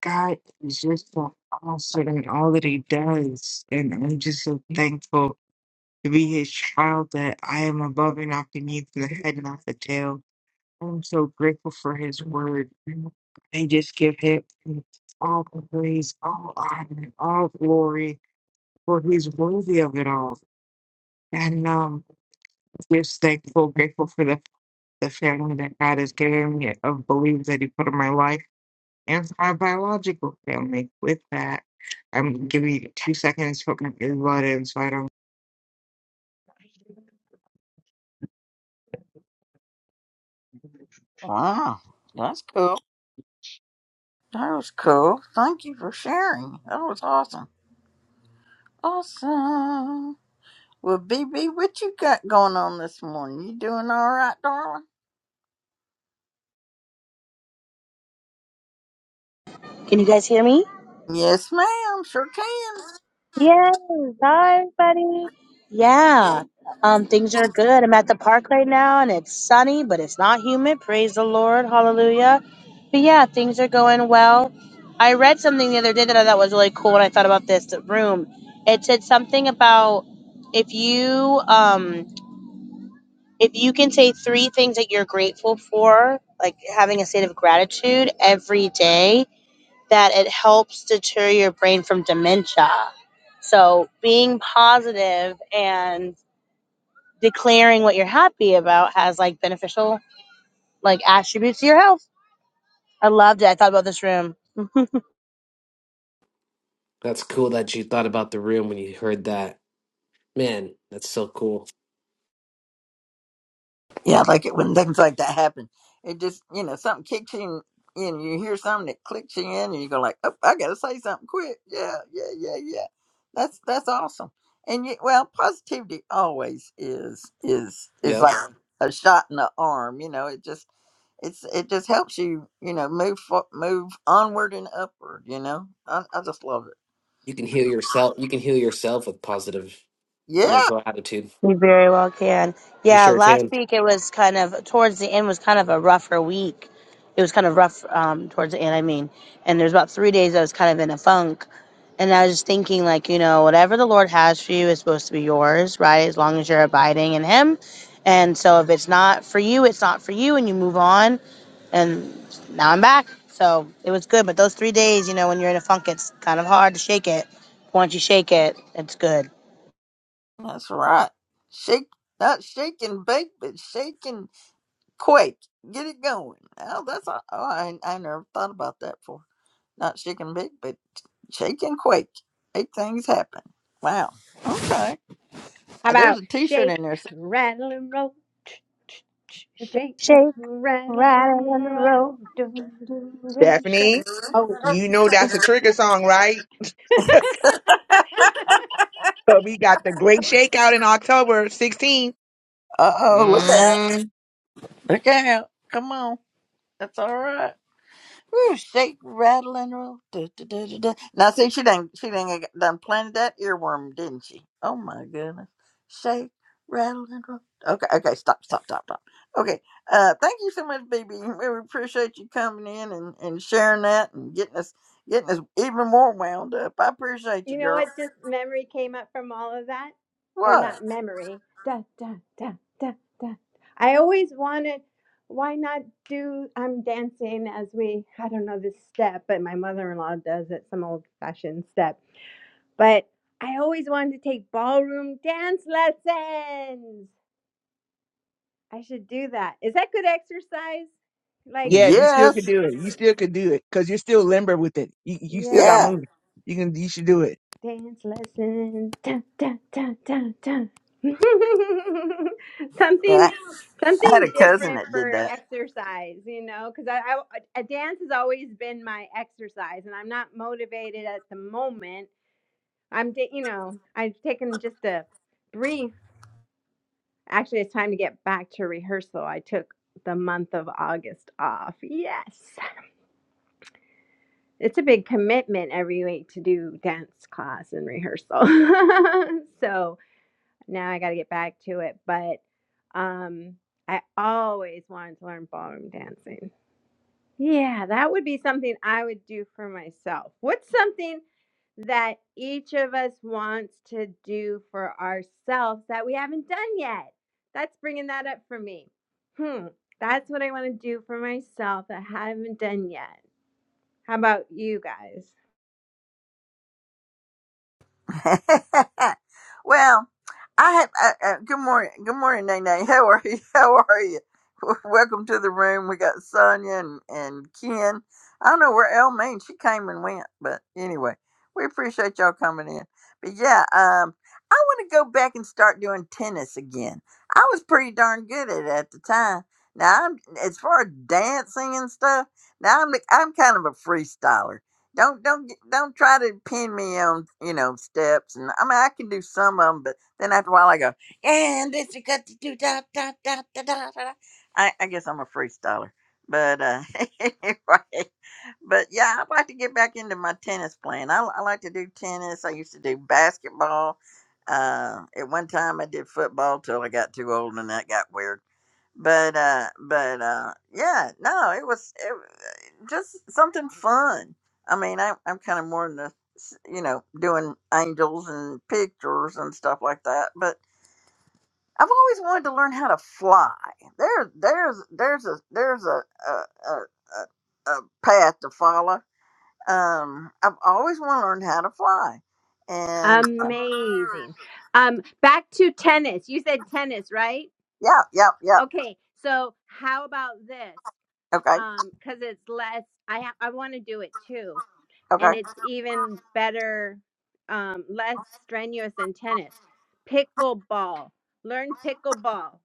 God is just so awesome in all that He does, and I'm just so thankful to be His child. That I am above and not beneath, the head and not the tail. I'm so grateful for His word. I just give Him all the praise, all honor, and all glory, for He's worthy of it all. And um, just thankful, grateful for the the family that God has given me of belief that He put in my life anti-biological family. With that, I'm giving you two seconds to put my earbud in so I don't Wow, that's cool. That was cool. Thank you for sharing. That was awesome. Awesome. Well, BB, what you got going on this morning? You doing all right, darling? Can you guys hear me? Yes, ma'am. Sure can. Yes, hi buddy. Yeah. Um, things are good. I'm at the park right now and it's sunny, but it's not humid. Praise the Lord. Hallelujah. But yeah, things are going well. I read something the other day that I thought was really cool when I thought about this room. It said something about if you um if you can say three things that you're grateful for, like having a state of gratitude every day, that it helps deter your brain from dementia. So being positive and declaring what you're happy about has like beneficial like attributes to your health. I loved it. I thought about this room. [laughs] that's cool that you thought about the room when you heard that. Man, that's so cool. Yeah, I like it when things like that happen. It just, you know, something kicks you in, in, you hear something that clicks you in, and you go like, "Oh, I gotta say something quick." Yeah, yeah, yeah, yeah. That's that's awesome. And you, well, positivity always is is is Yep, like a shot in the arm. You know, it just it's it just helps you, you know, move fo- move onward and upward. You know, I, I just love it. you can heal yourself. You can heal yourself with positive Yeah, mental attitude. You very well can. You Yeah, sure last can. week it was kind of towards the end was kind of a rougher week. It was kind of rough um, towards the end. I mean, and there's about three days I was kind of in a funk, and I was just thinking like, you know, whatever the Lord has for you is supposed to be yours, right? As long as you're abiding in Him. And so if it's not for you, it's not for you, and you move on. And now I'm back, so it was good. But those three days, you know, when you're in a funk, it's kind of hard to shake it. Once you shake it, it's good. that's right. Shake not shake and bake, but shake and Quake, get it going. Oh, that's all. Oh, I, I never thought about that for not shake and bake, but shake and quake. Make things happen. Wow. Okay. How Uh, There's about a T-shirt shake, in there. rattle, and roll? [tsk] Shake, Shake rattle, rattle, and and roll. roll. Do, do, do, shake. Stephanie, [laughs] Oh. you know that's a trigger song, right? [laughs] So we got the great shakeout in October 16th. Uh oh, look out! Look out! Come on, that's all right. Woo, shake, rattle, and roll. Du, du, du, du, du. Now, see, she done, she done, done planted that earworm, didn't she? Oh my goodness. Shake, rattle, and roll. Okay, okay, stop, stop, stop, stop. Okay, uh, thank you so much, baby. [laughs] We appreciate you coming in and, and sharing that and getting us getting us even more wound up. I appreciate you, You know girl. what? Just memory came up from all of that, or What? not memory. Da da da da da. I always wanted. Why not do? I'm dancing as we. I don't know this step, but my mother-in-law does it. Some old-fashioned step. But I always wanted to take ballroom dance lessons. I should do that. Is that good exercise? Like, Yes, you still can Yes, do it. You still can do it because you're still limber with it. You, you yeah, still got yeah. yeah. movement. You can. You should do it. Dance lesson. Dun, dun, dun, dun, dun. [laughs] yeah. something I had something a cousin different that did for that. exercise, you know, because I, I a dance has always been my exercise, and I'm not motivated at the moment. I'm, ta- you know, I've taken just a brief. Actually, it's time to get back to rehearsal. I took the month of August off. Yes, it's a big commitment every week to do dance class and rehearsal. [laughs] so now I got to get back to it. But um, I always wanted to learn ballroom dancing. Yeah, that would be something I would do for myself. What's something that each of us wants to do for ourselves that we haven't done yet? That's bringing that up for me. Hmm, that's what I want to do for myself that I haven't done yet. How about you guys? [laughs] well, I have. Uh, uh, good morning, good morning, Nene. [laughs] How are you? [laughs] How are you? [laughs] Welcome to the room. We got Sonia and, and Ken. I don't know where Elle means. She came and went, but anyway, we appreciate y'all coming in. But yeah, um, I want to go back and start doing tennis again. I was pretty darn good at it at the time. Now, I'm, as far as dancing and stuff, now I'm I'm kind of a freestyler. Don't don't get- don't try to pin me on you know steps and I mean I can do some of them, but then after a while I go and this you got to do da da da da da da. da." I, I guess I'm a freestyler, but uh, [laughs] anyway, but yeah, I'd like to get back into my tennis playing. I, I like to do tennis. I used to do basketball. Uh, at one time, I did football till I got too old, and that got weird. But uh, but uh, yeah, no, it was it, was just something fun. I mean, I, I'm kind of more into s- you know doing angels and pictures and stuff like that. But I've always wanted to learn how to fly. There, there's there's a there's a a, a, a, a path to follow um, I've always want to learn how to fly, and uh, Amazing. Um, back to tennis. You said tennis, right? yeah, yeah, yeah. Okay, so how about this? Okay, Um, because it's less. I ha- I want to do it too, okay, and it's even better, um, less strenuous than tennis. Pickleball. Learn pickleball.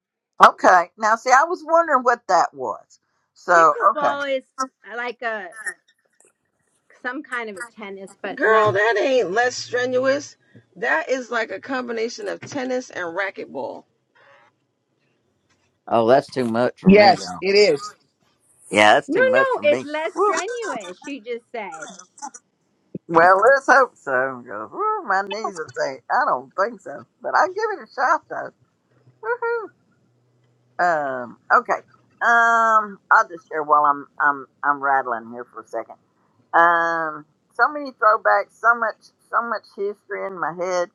okay. Now, see, I was wondering what that was. So, okay. Pickleball is uh, like a some kind of a tennis, but Girl, less. that ain't less strenuous. That is like a combination of tennis and racquetball. Oh, that's too much for me, Yes, y'all. it is. Yeah, that's No, too much no, for it's me. less Whew. strenuous. She just said. Well, let's hope so. Because whew, my knees are saying I don't think so, but I'll give it a shot though. Woohoo! Um, okay. Um, I'll just share while I'm I'm I'm rattling here for a second. Um, so many throwbacks, so much, so much history in my head.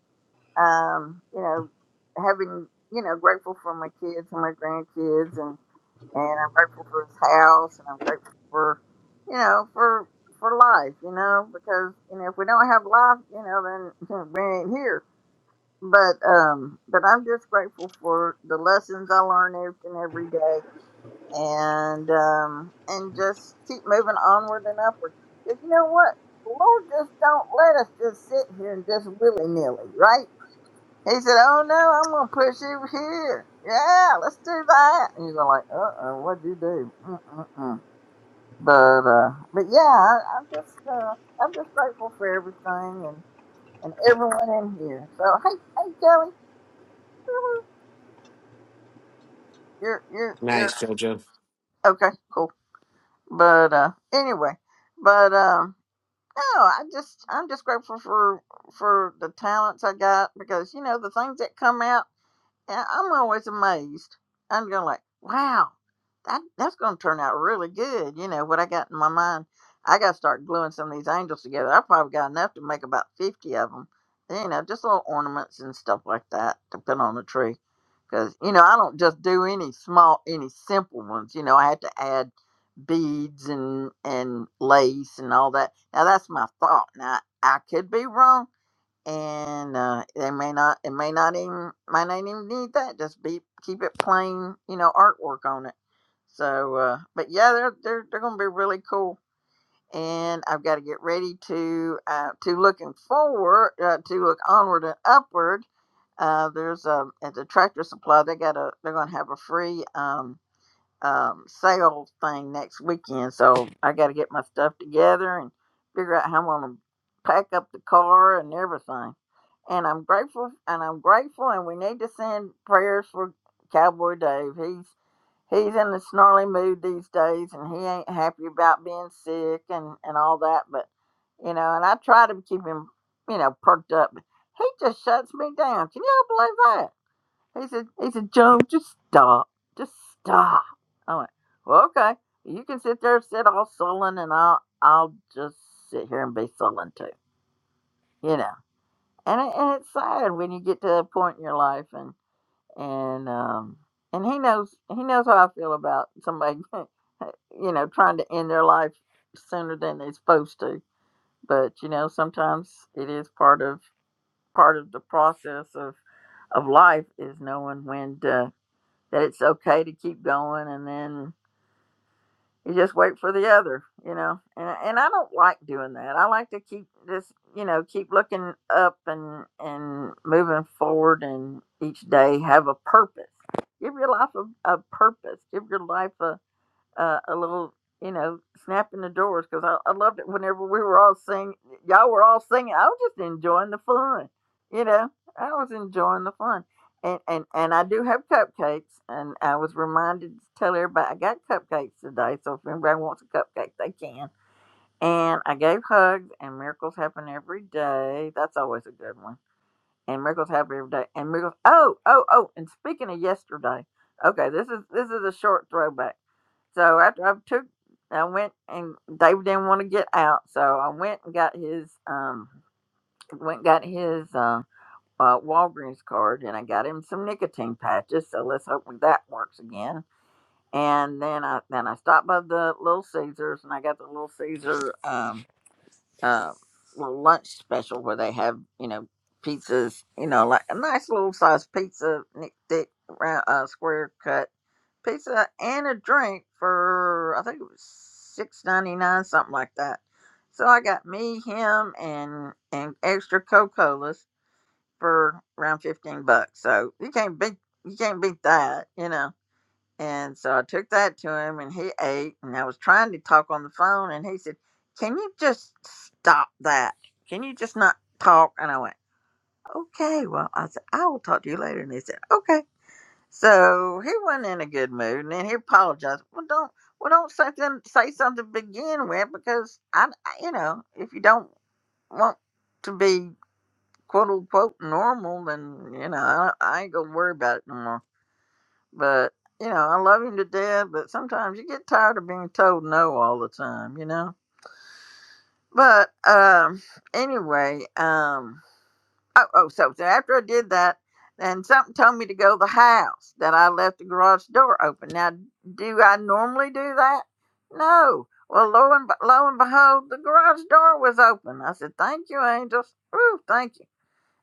Um, you know, having, you know, grateful for my kids and my grandkids, and and I'm grateful for this house, and I'm grateful for, you know, for for life, you know, because you know if we don't have life, you know, then [laughs] we ain't here. But um, but I'm just grateful for the lessons I learn each and every day and um, and just keep moving onward and upward. Because you know what, the Lord just don't let us just sit here and just willy nilly, right? He said, "Oh no, I'm gonna push you here. Yeah, let's do that." And you're like, "Uh oh, what'd you do?" Mm-mm-mm. But uh, but yeah, I, I'm just uh, I'm just grateful for everything and and everyone in here. So hey hey Kelly, you're you're you're Nice, JoJo. okay, cool. But uh, anyway, but um. No, I just I'm just grateful for for the talents I got because you know the things that come out. And I'm always amazed. I'm going like, wow, that that's going to turn out really good. You know what I got in my mind. I got to start gluing some of these angels together. I probably got enough to make about fifty of them. You know, just little ornaments and stuff like that to put on the tree. Because you know, I don't just do any small, any simple ones. You know, I had to add beads and and lace and all that. Now that's my thought. Now I could be wrong and uh, they may not it may not even might not even need that just be keep it plain you know artwork on it so uh but yeah they're they're, they're gonna be really cool and i've got to get ready to uh to looking forward uh, to look onward and upward uh there's a at the tractor supply they got a they're gonna have a free um um, sale thing next weekend, so I got to get my stuff together and figure out how I'm gonna pack up the car and everything. And I'm grateful, and I'm grateful, and we need to send prayers for Cowboy Dave. He's he's in a snarly mood these days, and he ain't happy about being sick and and all that. But you know, and I try to keep him, you know, perked up. But He just shuts me down. Can y'all believe that? He said, he said, Joan, just stop. Just stop. I went, well, okay. You can sit there, sit all sullen, and I'll, I'll just sit here and be sullen too. You know, and it, and it's sad when you get to a point in your life, and and um and he knows he knows how I feel about somebody, [laughs] you know, trying to end their life sooner than they're supposed to. But you know, sometimes it is part of part of the process of of life is knowing when to that it's okay to keep going and then you just wait for the other you know and and I don't like doing that I like to keep just you know keep looking up and and moving forward and each day have a purpose give your life a, a purpose give your life a uh, a little, you know, snap in the doors because I, I loved it whenever we were all singing. Y'all were all singing. I was just enjoying the fun. You know, I was enjoying the fun. And, and, and I do have cupcakes, and I was reminded to tell everybody I got cupcakes today. So if anybody wants a cupcake, they can. And I gave hugs, and miracles happen every day. That's always a good one. And miracles happen every day. And miracles. Oh, oh, oh! And speaking of yesterday, okay, this is this is a short throwback so after I took, I went and David didn't want to get out, so I went and got his um, went and got his uh, uh, Walgreens card, and I got him some nicotine patches. So let's hope that works again. And then I then I stopped by the Little Caesars, and I got the Little Caesar um, uh, little lunch special where they have you know pizzas, you know, like a nice little size pizza, nick- thick, round, uh, square cut pizza and a drink for I think it was six ninety nine, something like that. So I got me, him, and and extra Coca Colas for around fifteen bucks. So you can't beat you can't beat that, you know. And so I took that to him, and he ate. And I was trying to talk on the phone, and he said, "Can you just stop that? Can you just not talk?" And I went, "Okay, well," I said, "I will talk to you later." And he said, "Okay." So he wasn't in a good mood, and then he apologized. Well, don't well don't say then say something to begin with because I, I you know if you don't want to be quote unquote normal, then you know I, I ain't gonna worry about it no more. But you know I love him to death, but sometimes you get tired of being told no all the time, you know. But um, anyway, um, Oh, oh, so, so after I did that, then something told me to go to the house that I left the garage door open. Now, do I normally do that? No. Well, lo and, lo and behold, the garage door was open. I said, "Thank you, angels. Woo, thank you."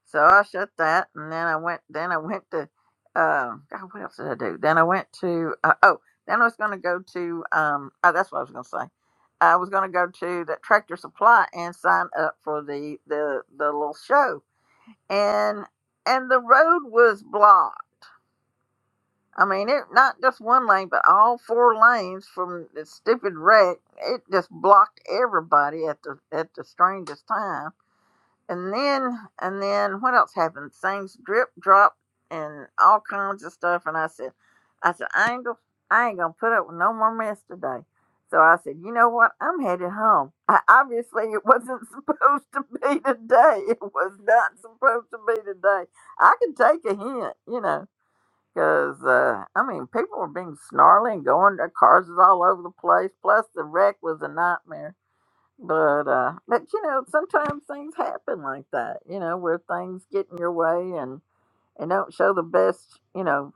So I shut that, and then I went. Then I went to. Uh, God, what else did I do? Then I went to. Uh, oh, then I was going to go to. Um, oh, that's what I was going to say. I was going to go to that Tractor Supply and sign up for the the the little show and and the road was blocked. I mean, it not just one lane, but all four lanes from the stupid wreck. It just blocked everybody at the at the strangest time and then and then what else happened? Things drip dropped and all kinds of stuff. And I said, I said I ain't gonna, I ain't gonna put up with no more mess today. So I said, you know what? I'm headed home. I, obviously, it wasn't [laughs] supposed to be today. It was not supposed to be today. I can take a hint, you know, because uh, I mean, people were being snarly and going. Their cars was all over the place. Plus, the wreck was a nightmare. But uh but you know, sometimes things happen like that, you know, where things get in your way and and don't show the best, you know,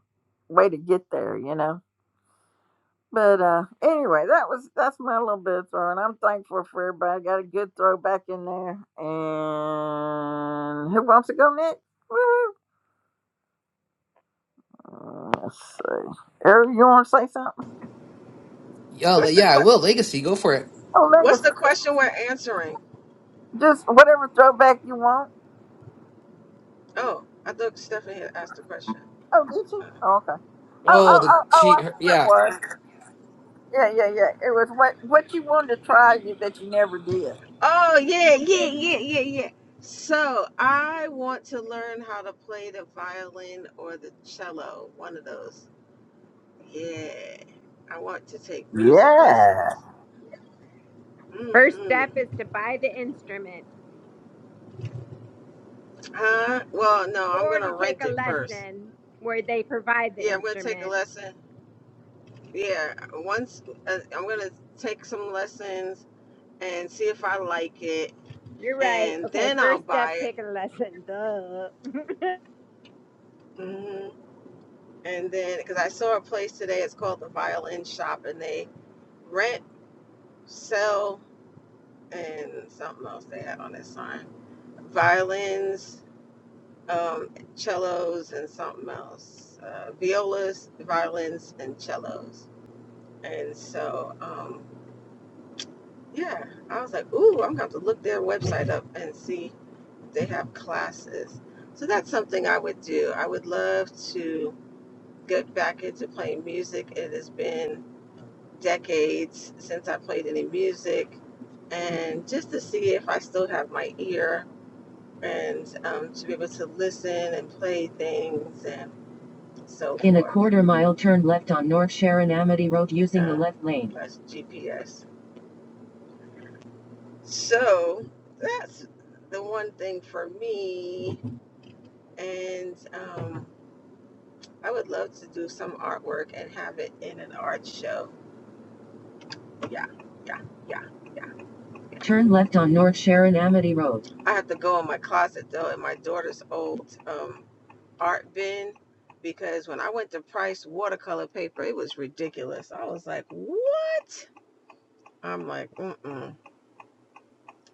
way to get there, you know. But uh anyway, that was that's my little bit of throwing. I'm thankful for everybody. Got a good throw back in there. And who wants to go next? Woo! Let's see. Eric, you wanna say something? Oh, What's the yeah, I will. que- Legacy, go for it. Oh What's Megan, the question we're answering? just whatever throwback you want. Oh, I thought Stephanie had asked the question. Oh, did you? Oh, okay. Oh, Oh, oh, the Um. oh, oh, she. I Her, know what yeah. it was. Yeah, yeah, yeah. It was what what you wanted to try you- that you never did. Oh yeah, yeah, yeah, yeah, yeah. So I want to learn how to play the violin or the cello, one of those. Yeah, I want to take music Yeah. lessons. First Mm-hmm. step is to buy the instrument Huh? Well, no, I'm or to gonna take rent a it first. lesson where they provide the Yeah, I'm gonna take a instrument. lesson yeah once uh, i'm gonna take some lessons and see if i like it You're right. and Okay, then i'll first step, buy it take a lesson. Duh. [laughs] hmm and then because i saw a place today it's called the violin shop and they rent sell and something else they had on that sign violins um, cellos and something else uh, violas violins and cellos and so um, yeah i was like ooh i'm gonna have to look their website up and see they have classes. So that's something I would do. I would love to get back into playing music. It has been decades since I played any music, and just to see if I still have my ear and um, to be able to listen and play things and so forth. In a quarter mile, turn left on North Sharon Amity Road using um, the Um, left lane. that's GPS. So that's the one thing for me. And um, I would love to do some artwork and have it in an art show. Yeah, yeah, yeah, yeah. yeah. Turn left on North Sharon Amity Road. I have to go in my closet though, in my daughter's old um, art bin, because when I went to Price watercolor paper, it was ridiculous. I was like, what? I'm like, mm-mm.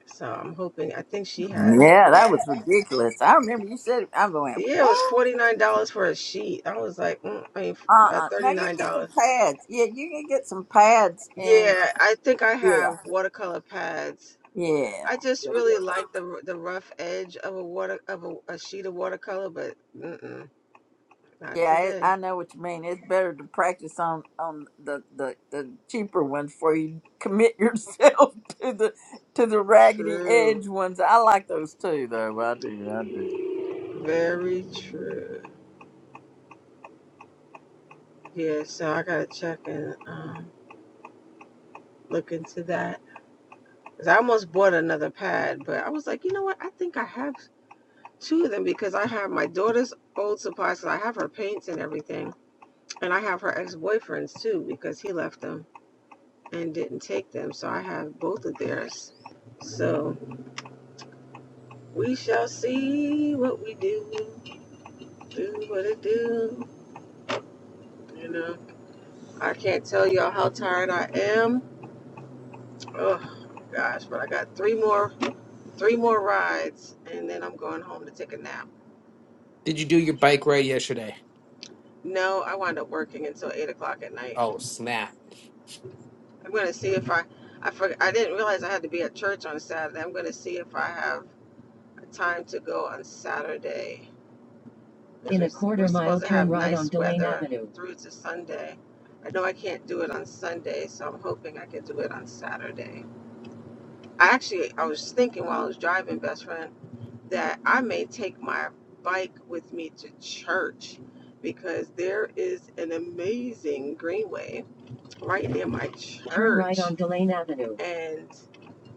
So I'm hoping. I think she has. Yeah, that was ridiculous. I remember you said I went, Yeah, it was What? forty nine dollars for a sheet. I was like, mm, I mean, Uh uh, uh Now thirty you nine can get some dollars. pads. Yeah, you can get some pads and Yeah, I think I yeah. have watercolor pads Yeah. I just Yeah, yeah. really like the the rough edge of a water of a, a sheet of watercolor, but mm-mm, not Yeah, it, today. I know what you mean. It's better to practice on on the, the, the cheaper ones before you commit [laughs] yourself to the to the raggedy True, edge ones. I like those too, though. I do. I do. very true. Yeah, so I gotta check and um, look into that. Cause I almost bought another pad, but I was like, you know what? I think I have two of them because I have my daughter's old supplies, supplies. 'cause I have her paints and everything, and I have her ex boyfriend's too because he left them and didn't take them. So I have both of theirs. So. We shall see what we do, do what it do. You know, I can't tell y'all how tired I am. Oh gosh, but I got three more, three more rides, and then I'm going home to take a nap. Did you do your bike ride yesterday? No, I wind up working until eight o'clock at night. Oh, snap. I'm gonna see if I, I forgot, I didn't realize I had to be at church on Saturday. I'm gonna see if I have time to go on Saturday. in a quarter mile to turn right on nice Delane Avenue. through to Sunday. I know I can't do it on Sunday, so I'm hoping I can do it on Saturday. I actually I was thinking while I was driving, best friend, that I may take my bike with me to church because there is an amazing greenway right near my church. Turn right on Delane Avenue. and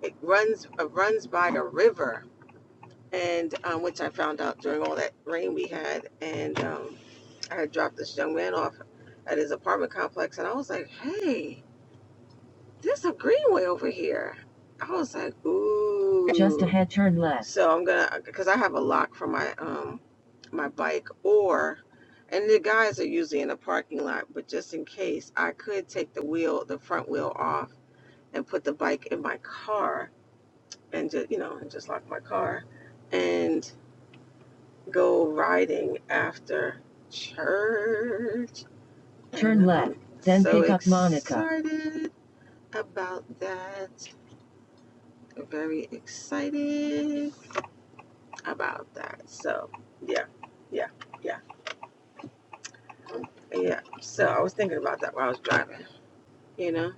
it runs uh, runs by a river and um, which I found out during all that rain we had and um, I had dropped this young man off at his apartment complex, and I was like, "Hey, there's a greenway over here." I was like, "Ooh." Just ahead, turn left. So I'm gonna, cause I have a lock for my um my bike, or and the guys are usually in the parking lot, but just in case, I could take the wheel, the front wheel off, and put the bike in my car, and just you know, and just lock my car, and go riding after church. Turn left, then so pick up Monica. Excited about that. Very excited about that. So yeah, yeah, yeah, yeah. So I was thinking about that while I was driving. You know.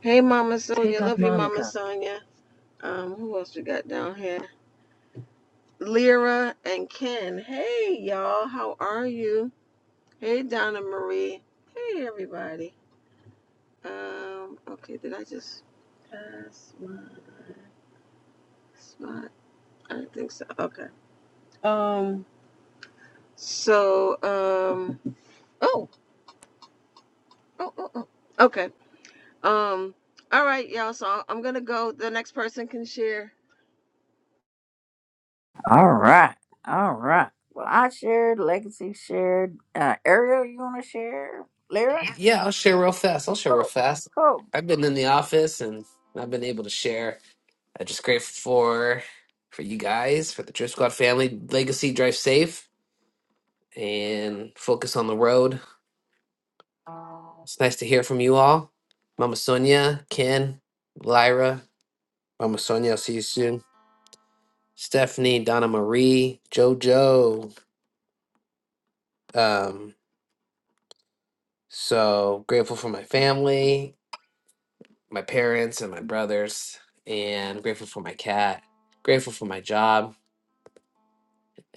Hey, Mama Sonia. Love you, Mama Sonia. Um, who else we got down here? Lyra and Ken. Hey, y'all. How are you? Hey, Donna Marie. Hey, everybody. Um. Okay. Did I just pass my spot? I don't think so. Okay. Um, So, um, oh, oh, oh, oh. okay. Um, all right, y'all. So I'm gonna go. The next person can share. All right. All right. Well, I shared, Legacy shared. Uh, Ariel, you want to share? Lyra? Yeah, I'll share real fast. I'll share real Cool. fast. Cool. I've been in the office and I've been able to share. I'm just grateful for for you guys, for the Trip Squad family. Legacy, drive safe and focus on the road. It's nice to hear from you all. Mama Sonia, Ken, Lyra, Mama Sonia, I'll see you soon. Stephanie, Donna Marie, JoJo. Um, so grateful for my family, my parents, and my brothers, and grateful for my cat. Grateful for my job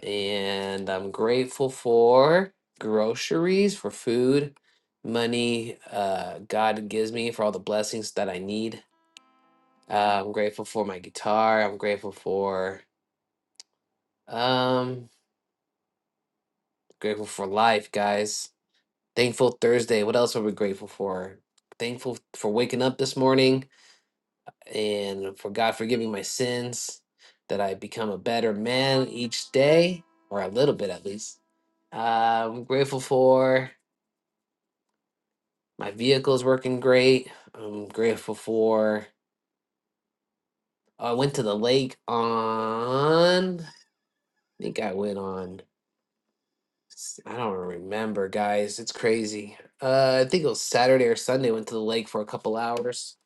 and I'm grateful for groceries, for food, money uh, God gives me for all the blessings that I need. Uh, I'm grateful for my guitar. I'm grateful for um grateful for life, guys. Thankful Thursday. What else are we grateful for? Thankful for waking up this morning and for God forgiving my sins, that I become a better man each day, or a little bit at least. Uh, I'm grateful for. My vehicle's working great. I'm grateful for. I went to the lake on. I think I went on. s- I don't remember, guys. It's crazy. Uh, I think it was Saturday or Sunday. Went to the lake for a couple hours.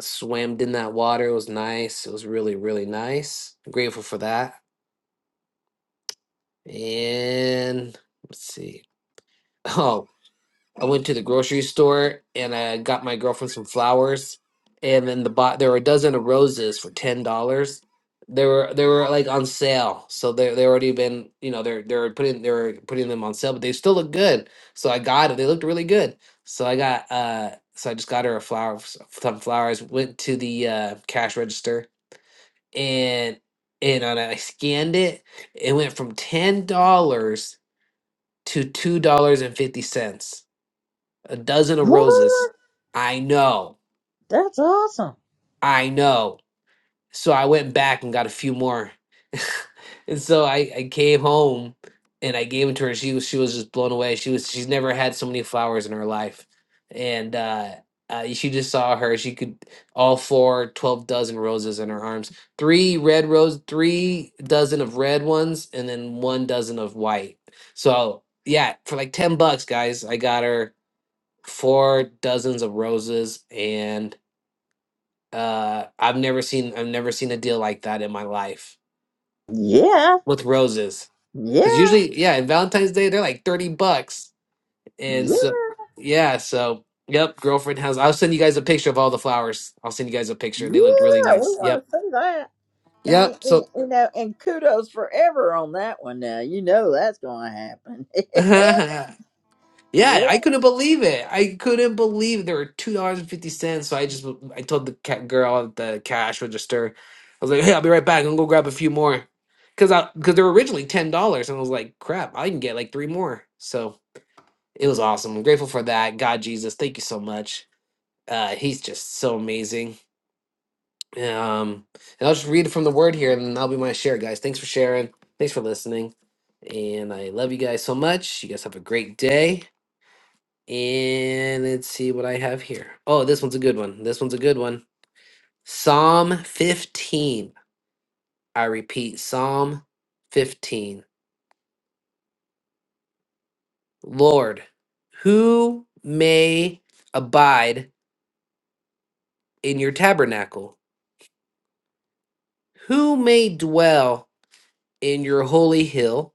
Swam in that water. It was nice. It was really, really nice. I'm grateful for that. And let's see. [laughs] Oh. I went to the grocery store and I got my girlfriend some flowers, and then the bot there were a dozen of roses for ten dollars. They were they were like on sale, so they they already been you know they're they're putting they were putting them on sale, but they still look good. So I got it. They looked really good. So I got uh so I just got her a flower some flowers. Went to the uh, cash register and and I scanned it. It went from ten dollars to two dollars and fifty cents a dozen of What? roses. I know, That's awesome. I know. So I went back and got a few more. [laughs] and so I, I came home and I gave them to her. She was she was just blown away. She was she's never had so many flowers in her life. And uh, uh she just saw her. She could all four, twelve dozen roses in her arms. Three red rose, three dozen of red ones, and then one dozen of white. So yeah, for like 10 bucks, guys, I got her four dozens of roses and uh i've never seen i've never seen a deal like that in my life Yeah, with roses yeah, because usually yeah in valentine's day they're like 30 bucks and yeah, so yeah so yep girlfriend has i'll send you guys a picture of all the flowers i'll send you guys a yeah. We picture they looked really nice yep want to see that. And you, yep and, so you know, and kudos forever on that one. Now you know that's going to happen. [laughs] [laughs] Yeah, yeah, I couldn't believe it. I couldn't believe there were two dollars and fifty cents. So I just I told the cat girl at the cash register, I was like, "Hey, I'll be right back. I'm gonna go grab a few more," because I because they were originally ten dollars, and I was like, "Crap, I can get like three more." So it was awesome. I'm grateful for that. God, Jesus, thank you so much. Uh, he's just so amazing. Um, and I'll just read from the word here, and that'll be my share, guys. Thanks for sharing. Thanks for listening, and I love you guys so much. You guys have a great day and let's see what I have here. Oh, this one's a good one. This one's a good one. Psalm 15. I repeat, Psalm 15. Lord, who may abide in your tabernacle? Who may dwell in your holy hill?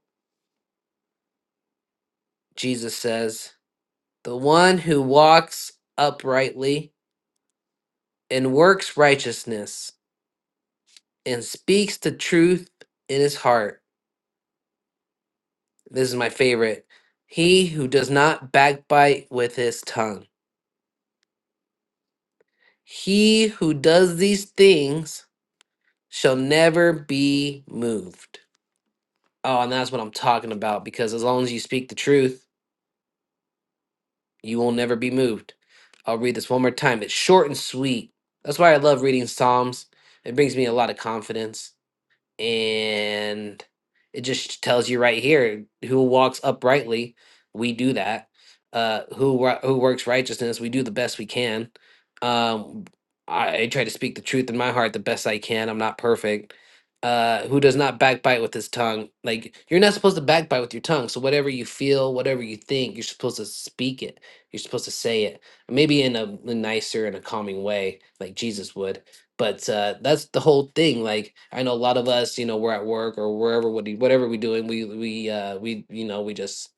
Jesus says, The one who walks uprightly and works righteousness and speaks the truth in his heart This is my favorite. He who does not backbite with his tongue. He who does these things shall never be moved. Oh, and that's what I'm talking about because as long as you speak the truth, you will never be moved. I'll read this one more time. It's short and sweet. That's why I love reading Psalms. It brings me a lot of confidence. and it just tells you right here who walks uprightly we do that uh who wo- who works righteousness we do the best we can um I, I try to speak the truth in my heart the best i can i'm not perfect uh who does not backbite with his tongue like you're not supposed to backbite with your tongue so whatever you feel whatever you think you're supposed to speak it you're supposed to say it maybe in a, a nicer and a calming way like jesus would but uh, that's the whole thing. Like I know a lot of us, you know, we're at work or wherever, what- whatever we're doing, we we uh, we you know we just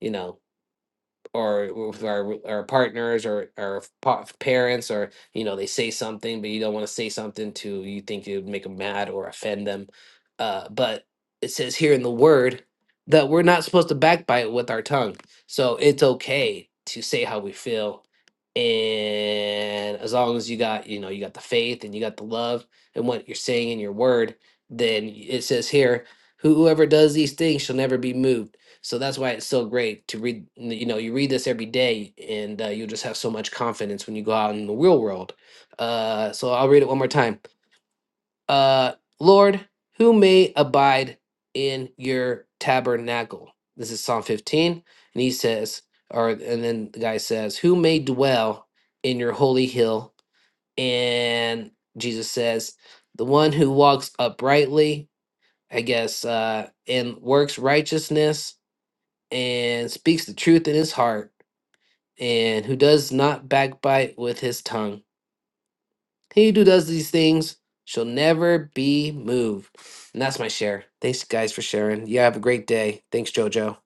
you know or with our our partners or our pa- parents or you know they say something but you don't want to say something to you think it would make them mad or offend them uh, but it says here in the word that we're not supposed to backbite with our tongue so it's okay to say how we feel and as long as you got you know you got the faith and you got the love and what you're saying in your word then it says here whoever does these things shall never be moved so that's why it's so great to read. You know, you read this every day, and uh, you'll just have so much confidence when you go out in the real world. Uh, so I'll read it one more time. Uh, Lord, who may abide in your tabernacle? This is Psalm 15, and he says, or and then the guy says, who may dwell in your holy hill? And Jesus says, the one who walks uprightly, I guess, uh, and works righteousness and speaks the truth in his heart, and who does not backbite with his tongue. He who does these things shall never be moved. And that's my share. Thanks, guys, for sharing. You have a great day. Thanks, JoJo.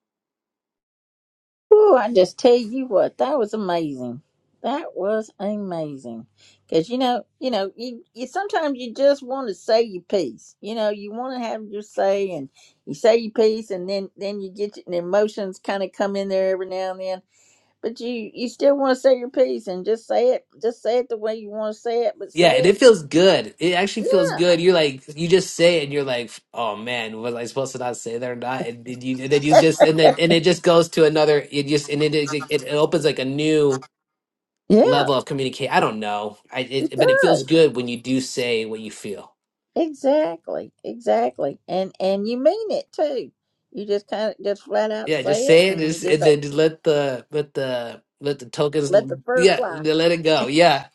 Ooh, I just tell you what, that was amazing. That was amazing. Cause you know, you know, you, you sometimes you just want to say your piece. You know, you want to have your say, and you say your piece, and then then you get your, the emotions kind of come in there every now and then. But you you still want to say your piece and just say it, just say it the way you want to say it, but Yeah, say and it. it feels good. It actually feels good. You're like, you just say it, and you're like, oh man, was I supposed to not say that or not? And then you, and then you just, and then, and it just goes to another. It just, and it, it, it opens like a new Yeah, level of communicate. I don't know. I, it it, but does. it feels good when you do say what you feel. exactly, exactly, and and you mean it too. You just kind of just flat out Yeah, just say it, say it, and you just, just and say. then just let the let the let the tokens. Let the l- fur Yeah, fly. they let it go. Yeah,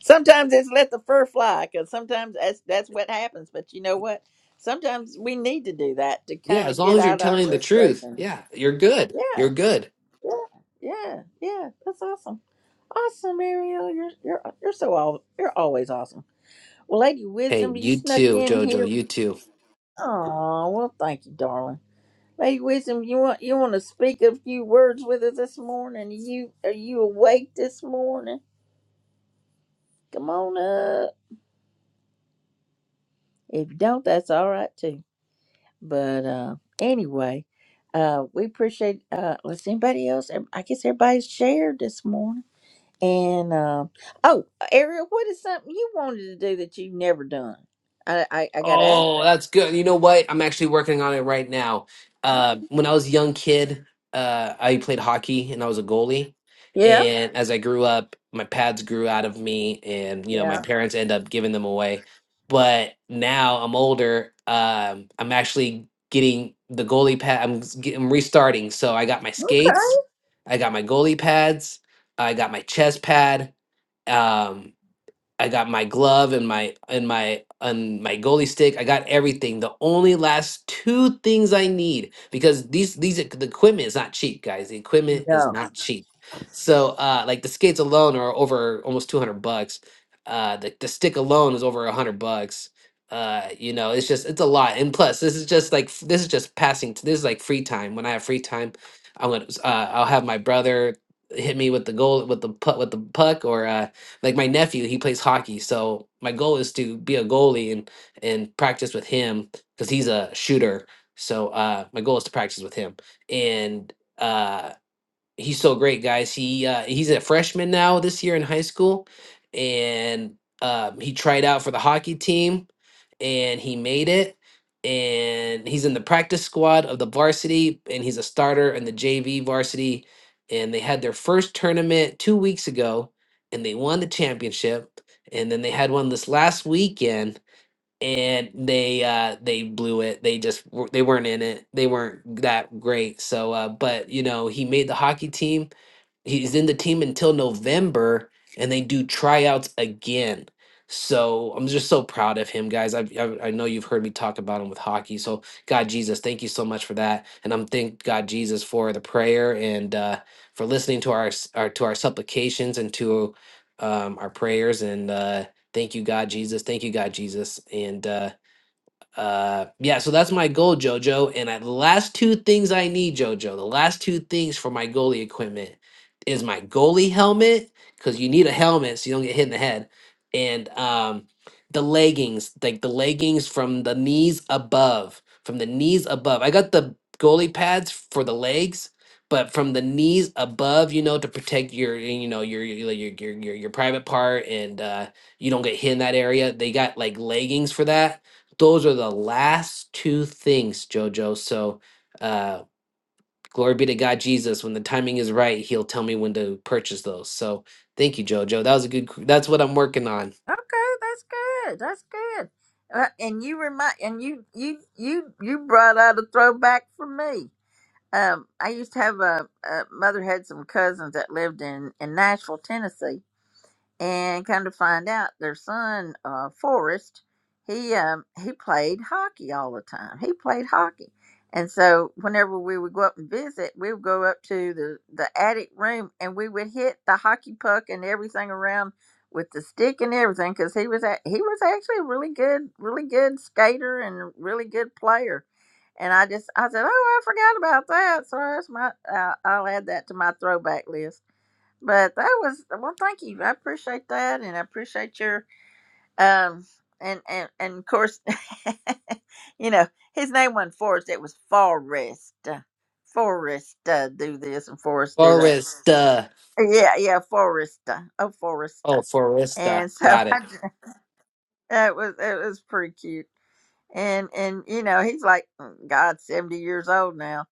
Sometimes it's let the fur fly because sometimes that's that's what happens. But you know what? Sometimes we need to do that to yeah. kind As of long get as you're out our telling the truth, frustration. yeah, you're good. You're Yeah, good. yeah, yeah, yeah. That's awesome. Awesome, Ariel. You're you're you're so all you're always awesome. Well, Lady Hey, Wisdom, you you snuck too, in Jojo. here. You too. Oh, well, thank you, darling. Lady Wisdom, you want you want to speak a few words with us this morning? Are you are you awake this morning? Come on If you don't, that's all right too. But uh, anyway, uh, we appreciate. Uh, let's anybody else? I guess everybody's shared this morning. And uh, oh, Ariel, what is something you wanted to do that you've never done? I I, I got to ask Oh, that. that's good. You know what? I'm actually working on it right now. Uh, Okay. when I was a young kid, uh, I played hockey and I was a goalie. Yeah. And as I grew up, my pads grew out of me, and you know my Yeah. parents end up giving them away. But now I'm older. Um, I'm actually getting the goalie pad. I'm, s- get- I'm restarting. So I got my Okay. skates, I got my goalie pads, I got my chest pad, um, I got my glove and my and my and my goalie stick. I got everything. The only last two things I need because these these e- the equipment is not cheap, guys. The equipment is No. not cheap. So uh like the skates alone are over almost 200 bucks. Uh the, the stick alone is over 100 bucks. Uh you know, it's just it's a lot. And plus this is just like f- this is just passing t- this is like free time. When I have free time, I'm going to uh I'll have my brother hit me with the goal with the puck with the puck or uh like my nephew, he plays hockey, so my goal is to be a goalie and and practice with him because he's a shooter. So uh, my goal is to practice with him, and uh, he's so great, guys. He uh, he's a freshman now this year in high school, and um, he tried out for the hockey team, and he made it. And he's in the practice squad of the varsity, and he's a starter in the JV varsity. And they had their first tournament two weeks ago, and they won the championship. And then they had one this last weekend, and they uh they blew it they just w- they weren't in it they weren't that great so uh but you know he made the hockey team he's in the team until November, and they do tryouts again. So I'm just so proud of him, guys. I, I I know you've heard me talk about him with hockey. So God Jesus, thank you so much for that, and I'm thank God Jesus for the prayer and uh, for listening to our, s- our to our supplications and to um, our prayers. And uh, thank you God Jesus, thank you God Jesus, and. Uh, uh yeah so that's my goal jojo and I, the last two things i need jojo the last two things for my goalie equipment is my goalie helmet because you need a helmet so you don't get hit in the head and um the leggings like the leggings from the knees above from the knees above i got the goalie pads for the legs but from the knees above you know to protect your you know your your like, your your, your your private part and uh you don't get hit in that area they got like leggings for that those are the last two things, Jojo. So, uh, glory be to God, Jesus. When the timing is right, He'll tell me when to purchase those. So, thank you, Jojo. That was a good. That's what I'm working on. Okay, that's good. That's good. Uh, and you remind and you you you you brought out a throwback for me. Um, I used to have a, a mother had some cousins that lived in in Nashville, Tennessee, and come to find out their son uh Forrest he um he played hockey all the time he played hockey and so whenever we would go up and visit we would go up to the the attic room and we would hit the hockey puck and everything around with the stick and everything because he was a, he was actually a really good really good skater and a really good player and I just I said oh I forgot about that so that's my uh, I'll add that to my throwback list but that was well. Thank you. I appreciate that, and I appreciate your um and and and of course, [laughs] you know his name wasn't Forrest. It was Forrest. Uh, Forrest, uh, do this and Forrest do that. Foresta. Yeah, yeah, Forrest. uh, Oh, Forrest. uh, Oh, Foresta. And so Got [laughs] I, it. j- it was it was pretty cute and and you know he's like "Mm, god 70 years old now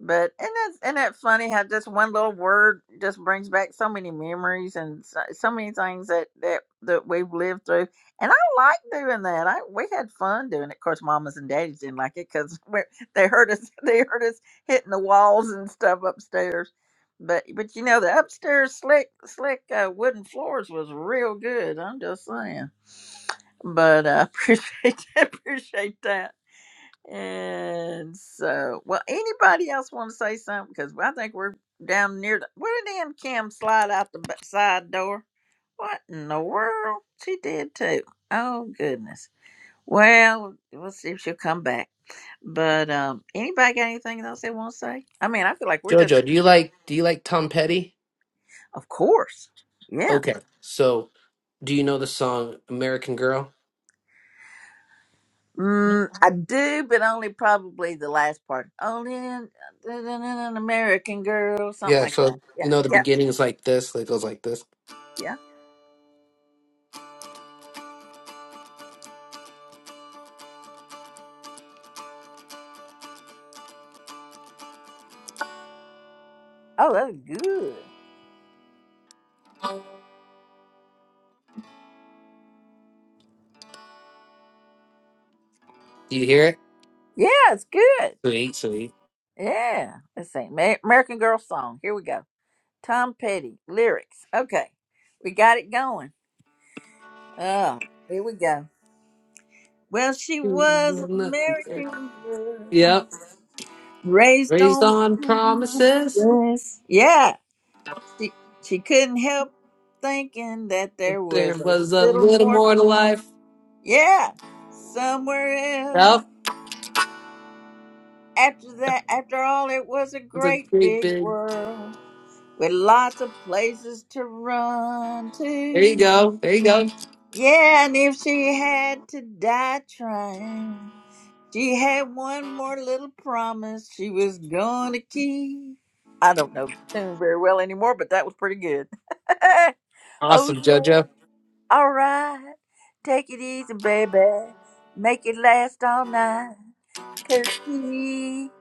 but and that's and that's funny how just one little word just brings back so many memories and so, so many things that that that we've lived through and i like doing that i we had fun doing it of course mamas and daddies didn't like it because [laughs] they heard us [laughs] they heard us hitting the walls and stuff upstairs but but you know the upstairs slick slick uh, wooden floors was real good i'm just saying but uh, i appreciate [laughs] appreciate that and so, well, anybody else want to say something? Because I think we're down near the. Where did Aunt Kim slide out the b- side door? What in the world? She did too. Oh goodness. Well, we'll see if she'll come back. But um, anybody got anything else they want to say? I mean, I feel like we're just, Jojo, do you like do you like Tom Petty? of course, yeah. Okay, so do you know the song American Girl? Mm, I do, but only probably the last part. Only an, an American girl, something Yeah, like that. so you Yeah, know the yeah, beginning is like this, it goes like this. yeah. Oh, that's good. Do you hear Yeah, it's good. it? Sweet, sweet. Yeah. Let's see. Ma- American Girl song. Here we go. Tom Petty lyrics. Okay. We got it going. Oh, here we go. Well, she was American girl, Yep. raised raised on on promises. promises. Yeah. She she couldn't help thinking that there There was a was a little little more more to to life. life. Yeah. Somewhere Yep. else. It After that, after all, it was a was a great great big big. world. with lots of places to run There you to. go. There you go. Yeah, and if she had to die trying, she had one more little promise she was going to keep. I don't know the tune very well anymore, but that was pretty good. [laughs] oh, Awesome, yeah. JoJo. All right. Take it easy, baby. Make it last all night. Cause she,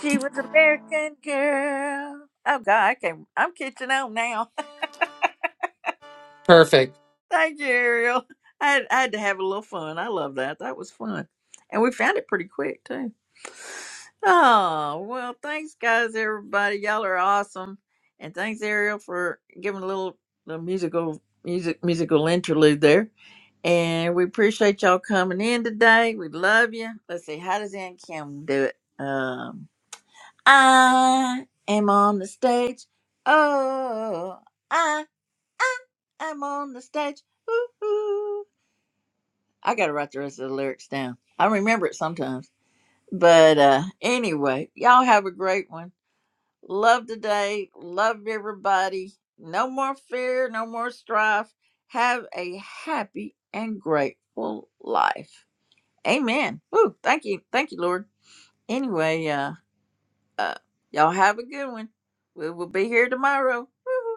she was an American girl. Oh God, I can't. I'm catching on now. Perfect. Thank you, Ariel. I had, I had to have a little fun. I love that. That was fun. And we found it pretty quick, too. Oh, well, thanks, guys, everybody. Y'all are awesome. And thanks, Ariel, for giving a little, little musical music musical interlude there. And we appreciate y'all coming in today. We love you. Let's see, how does Aunt Kim do it? Um, I am on the stage. Oh, I, I am on the stage. Ooh, I gotta write the rest of the lyrics down. I remember it sometimes. But uh anyway, y'all have a great one. Love today. Love everybody. No more fear, no more strife. Have a happy and grateful life. Amen. Woo, thank you. Thank you, Lord. Anyway, uh, uh y'all have a good one. We will be here tomorrow. Woo.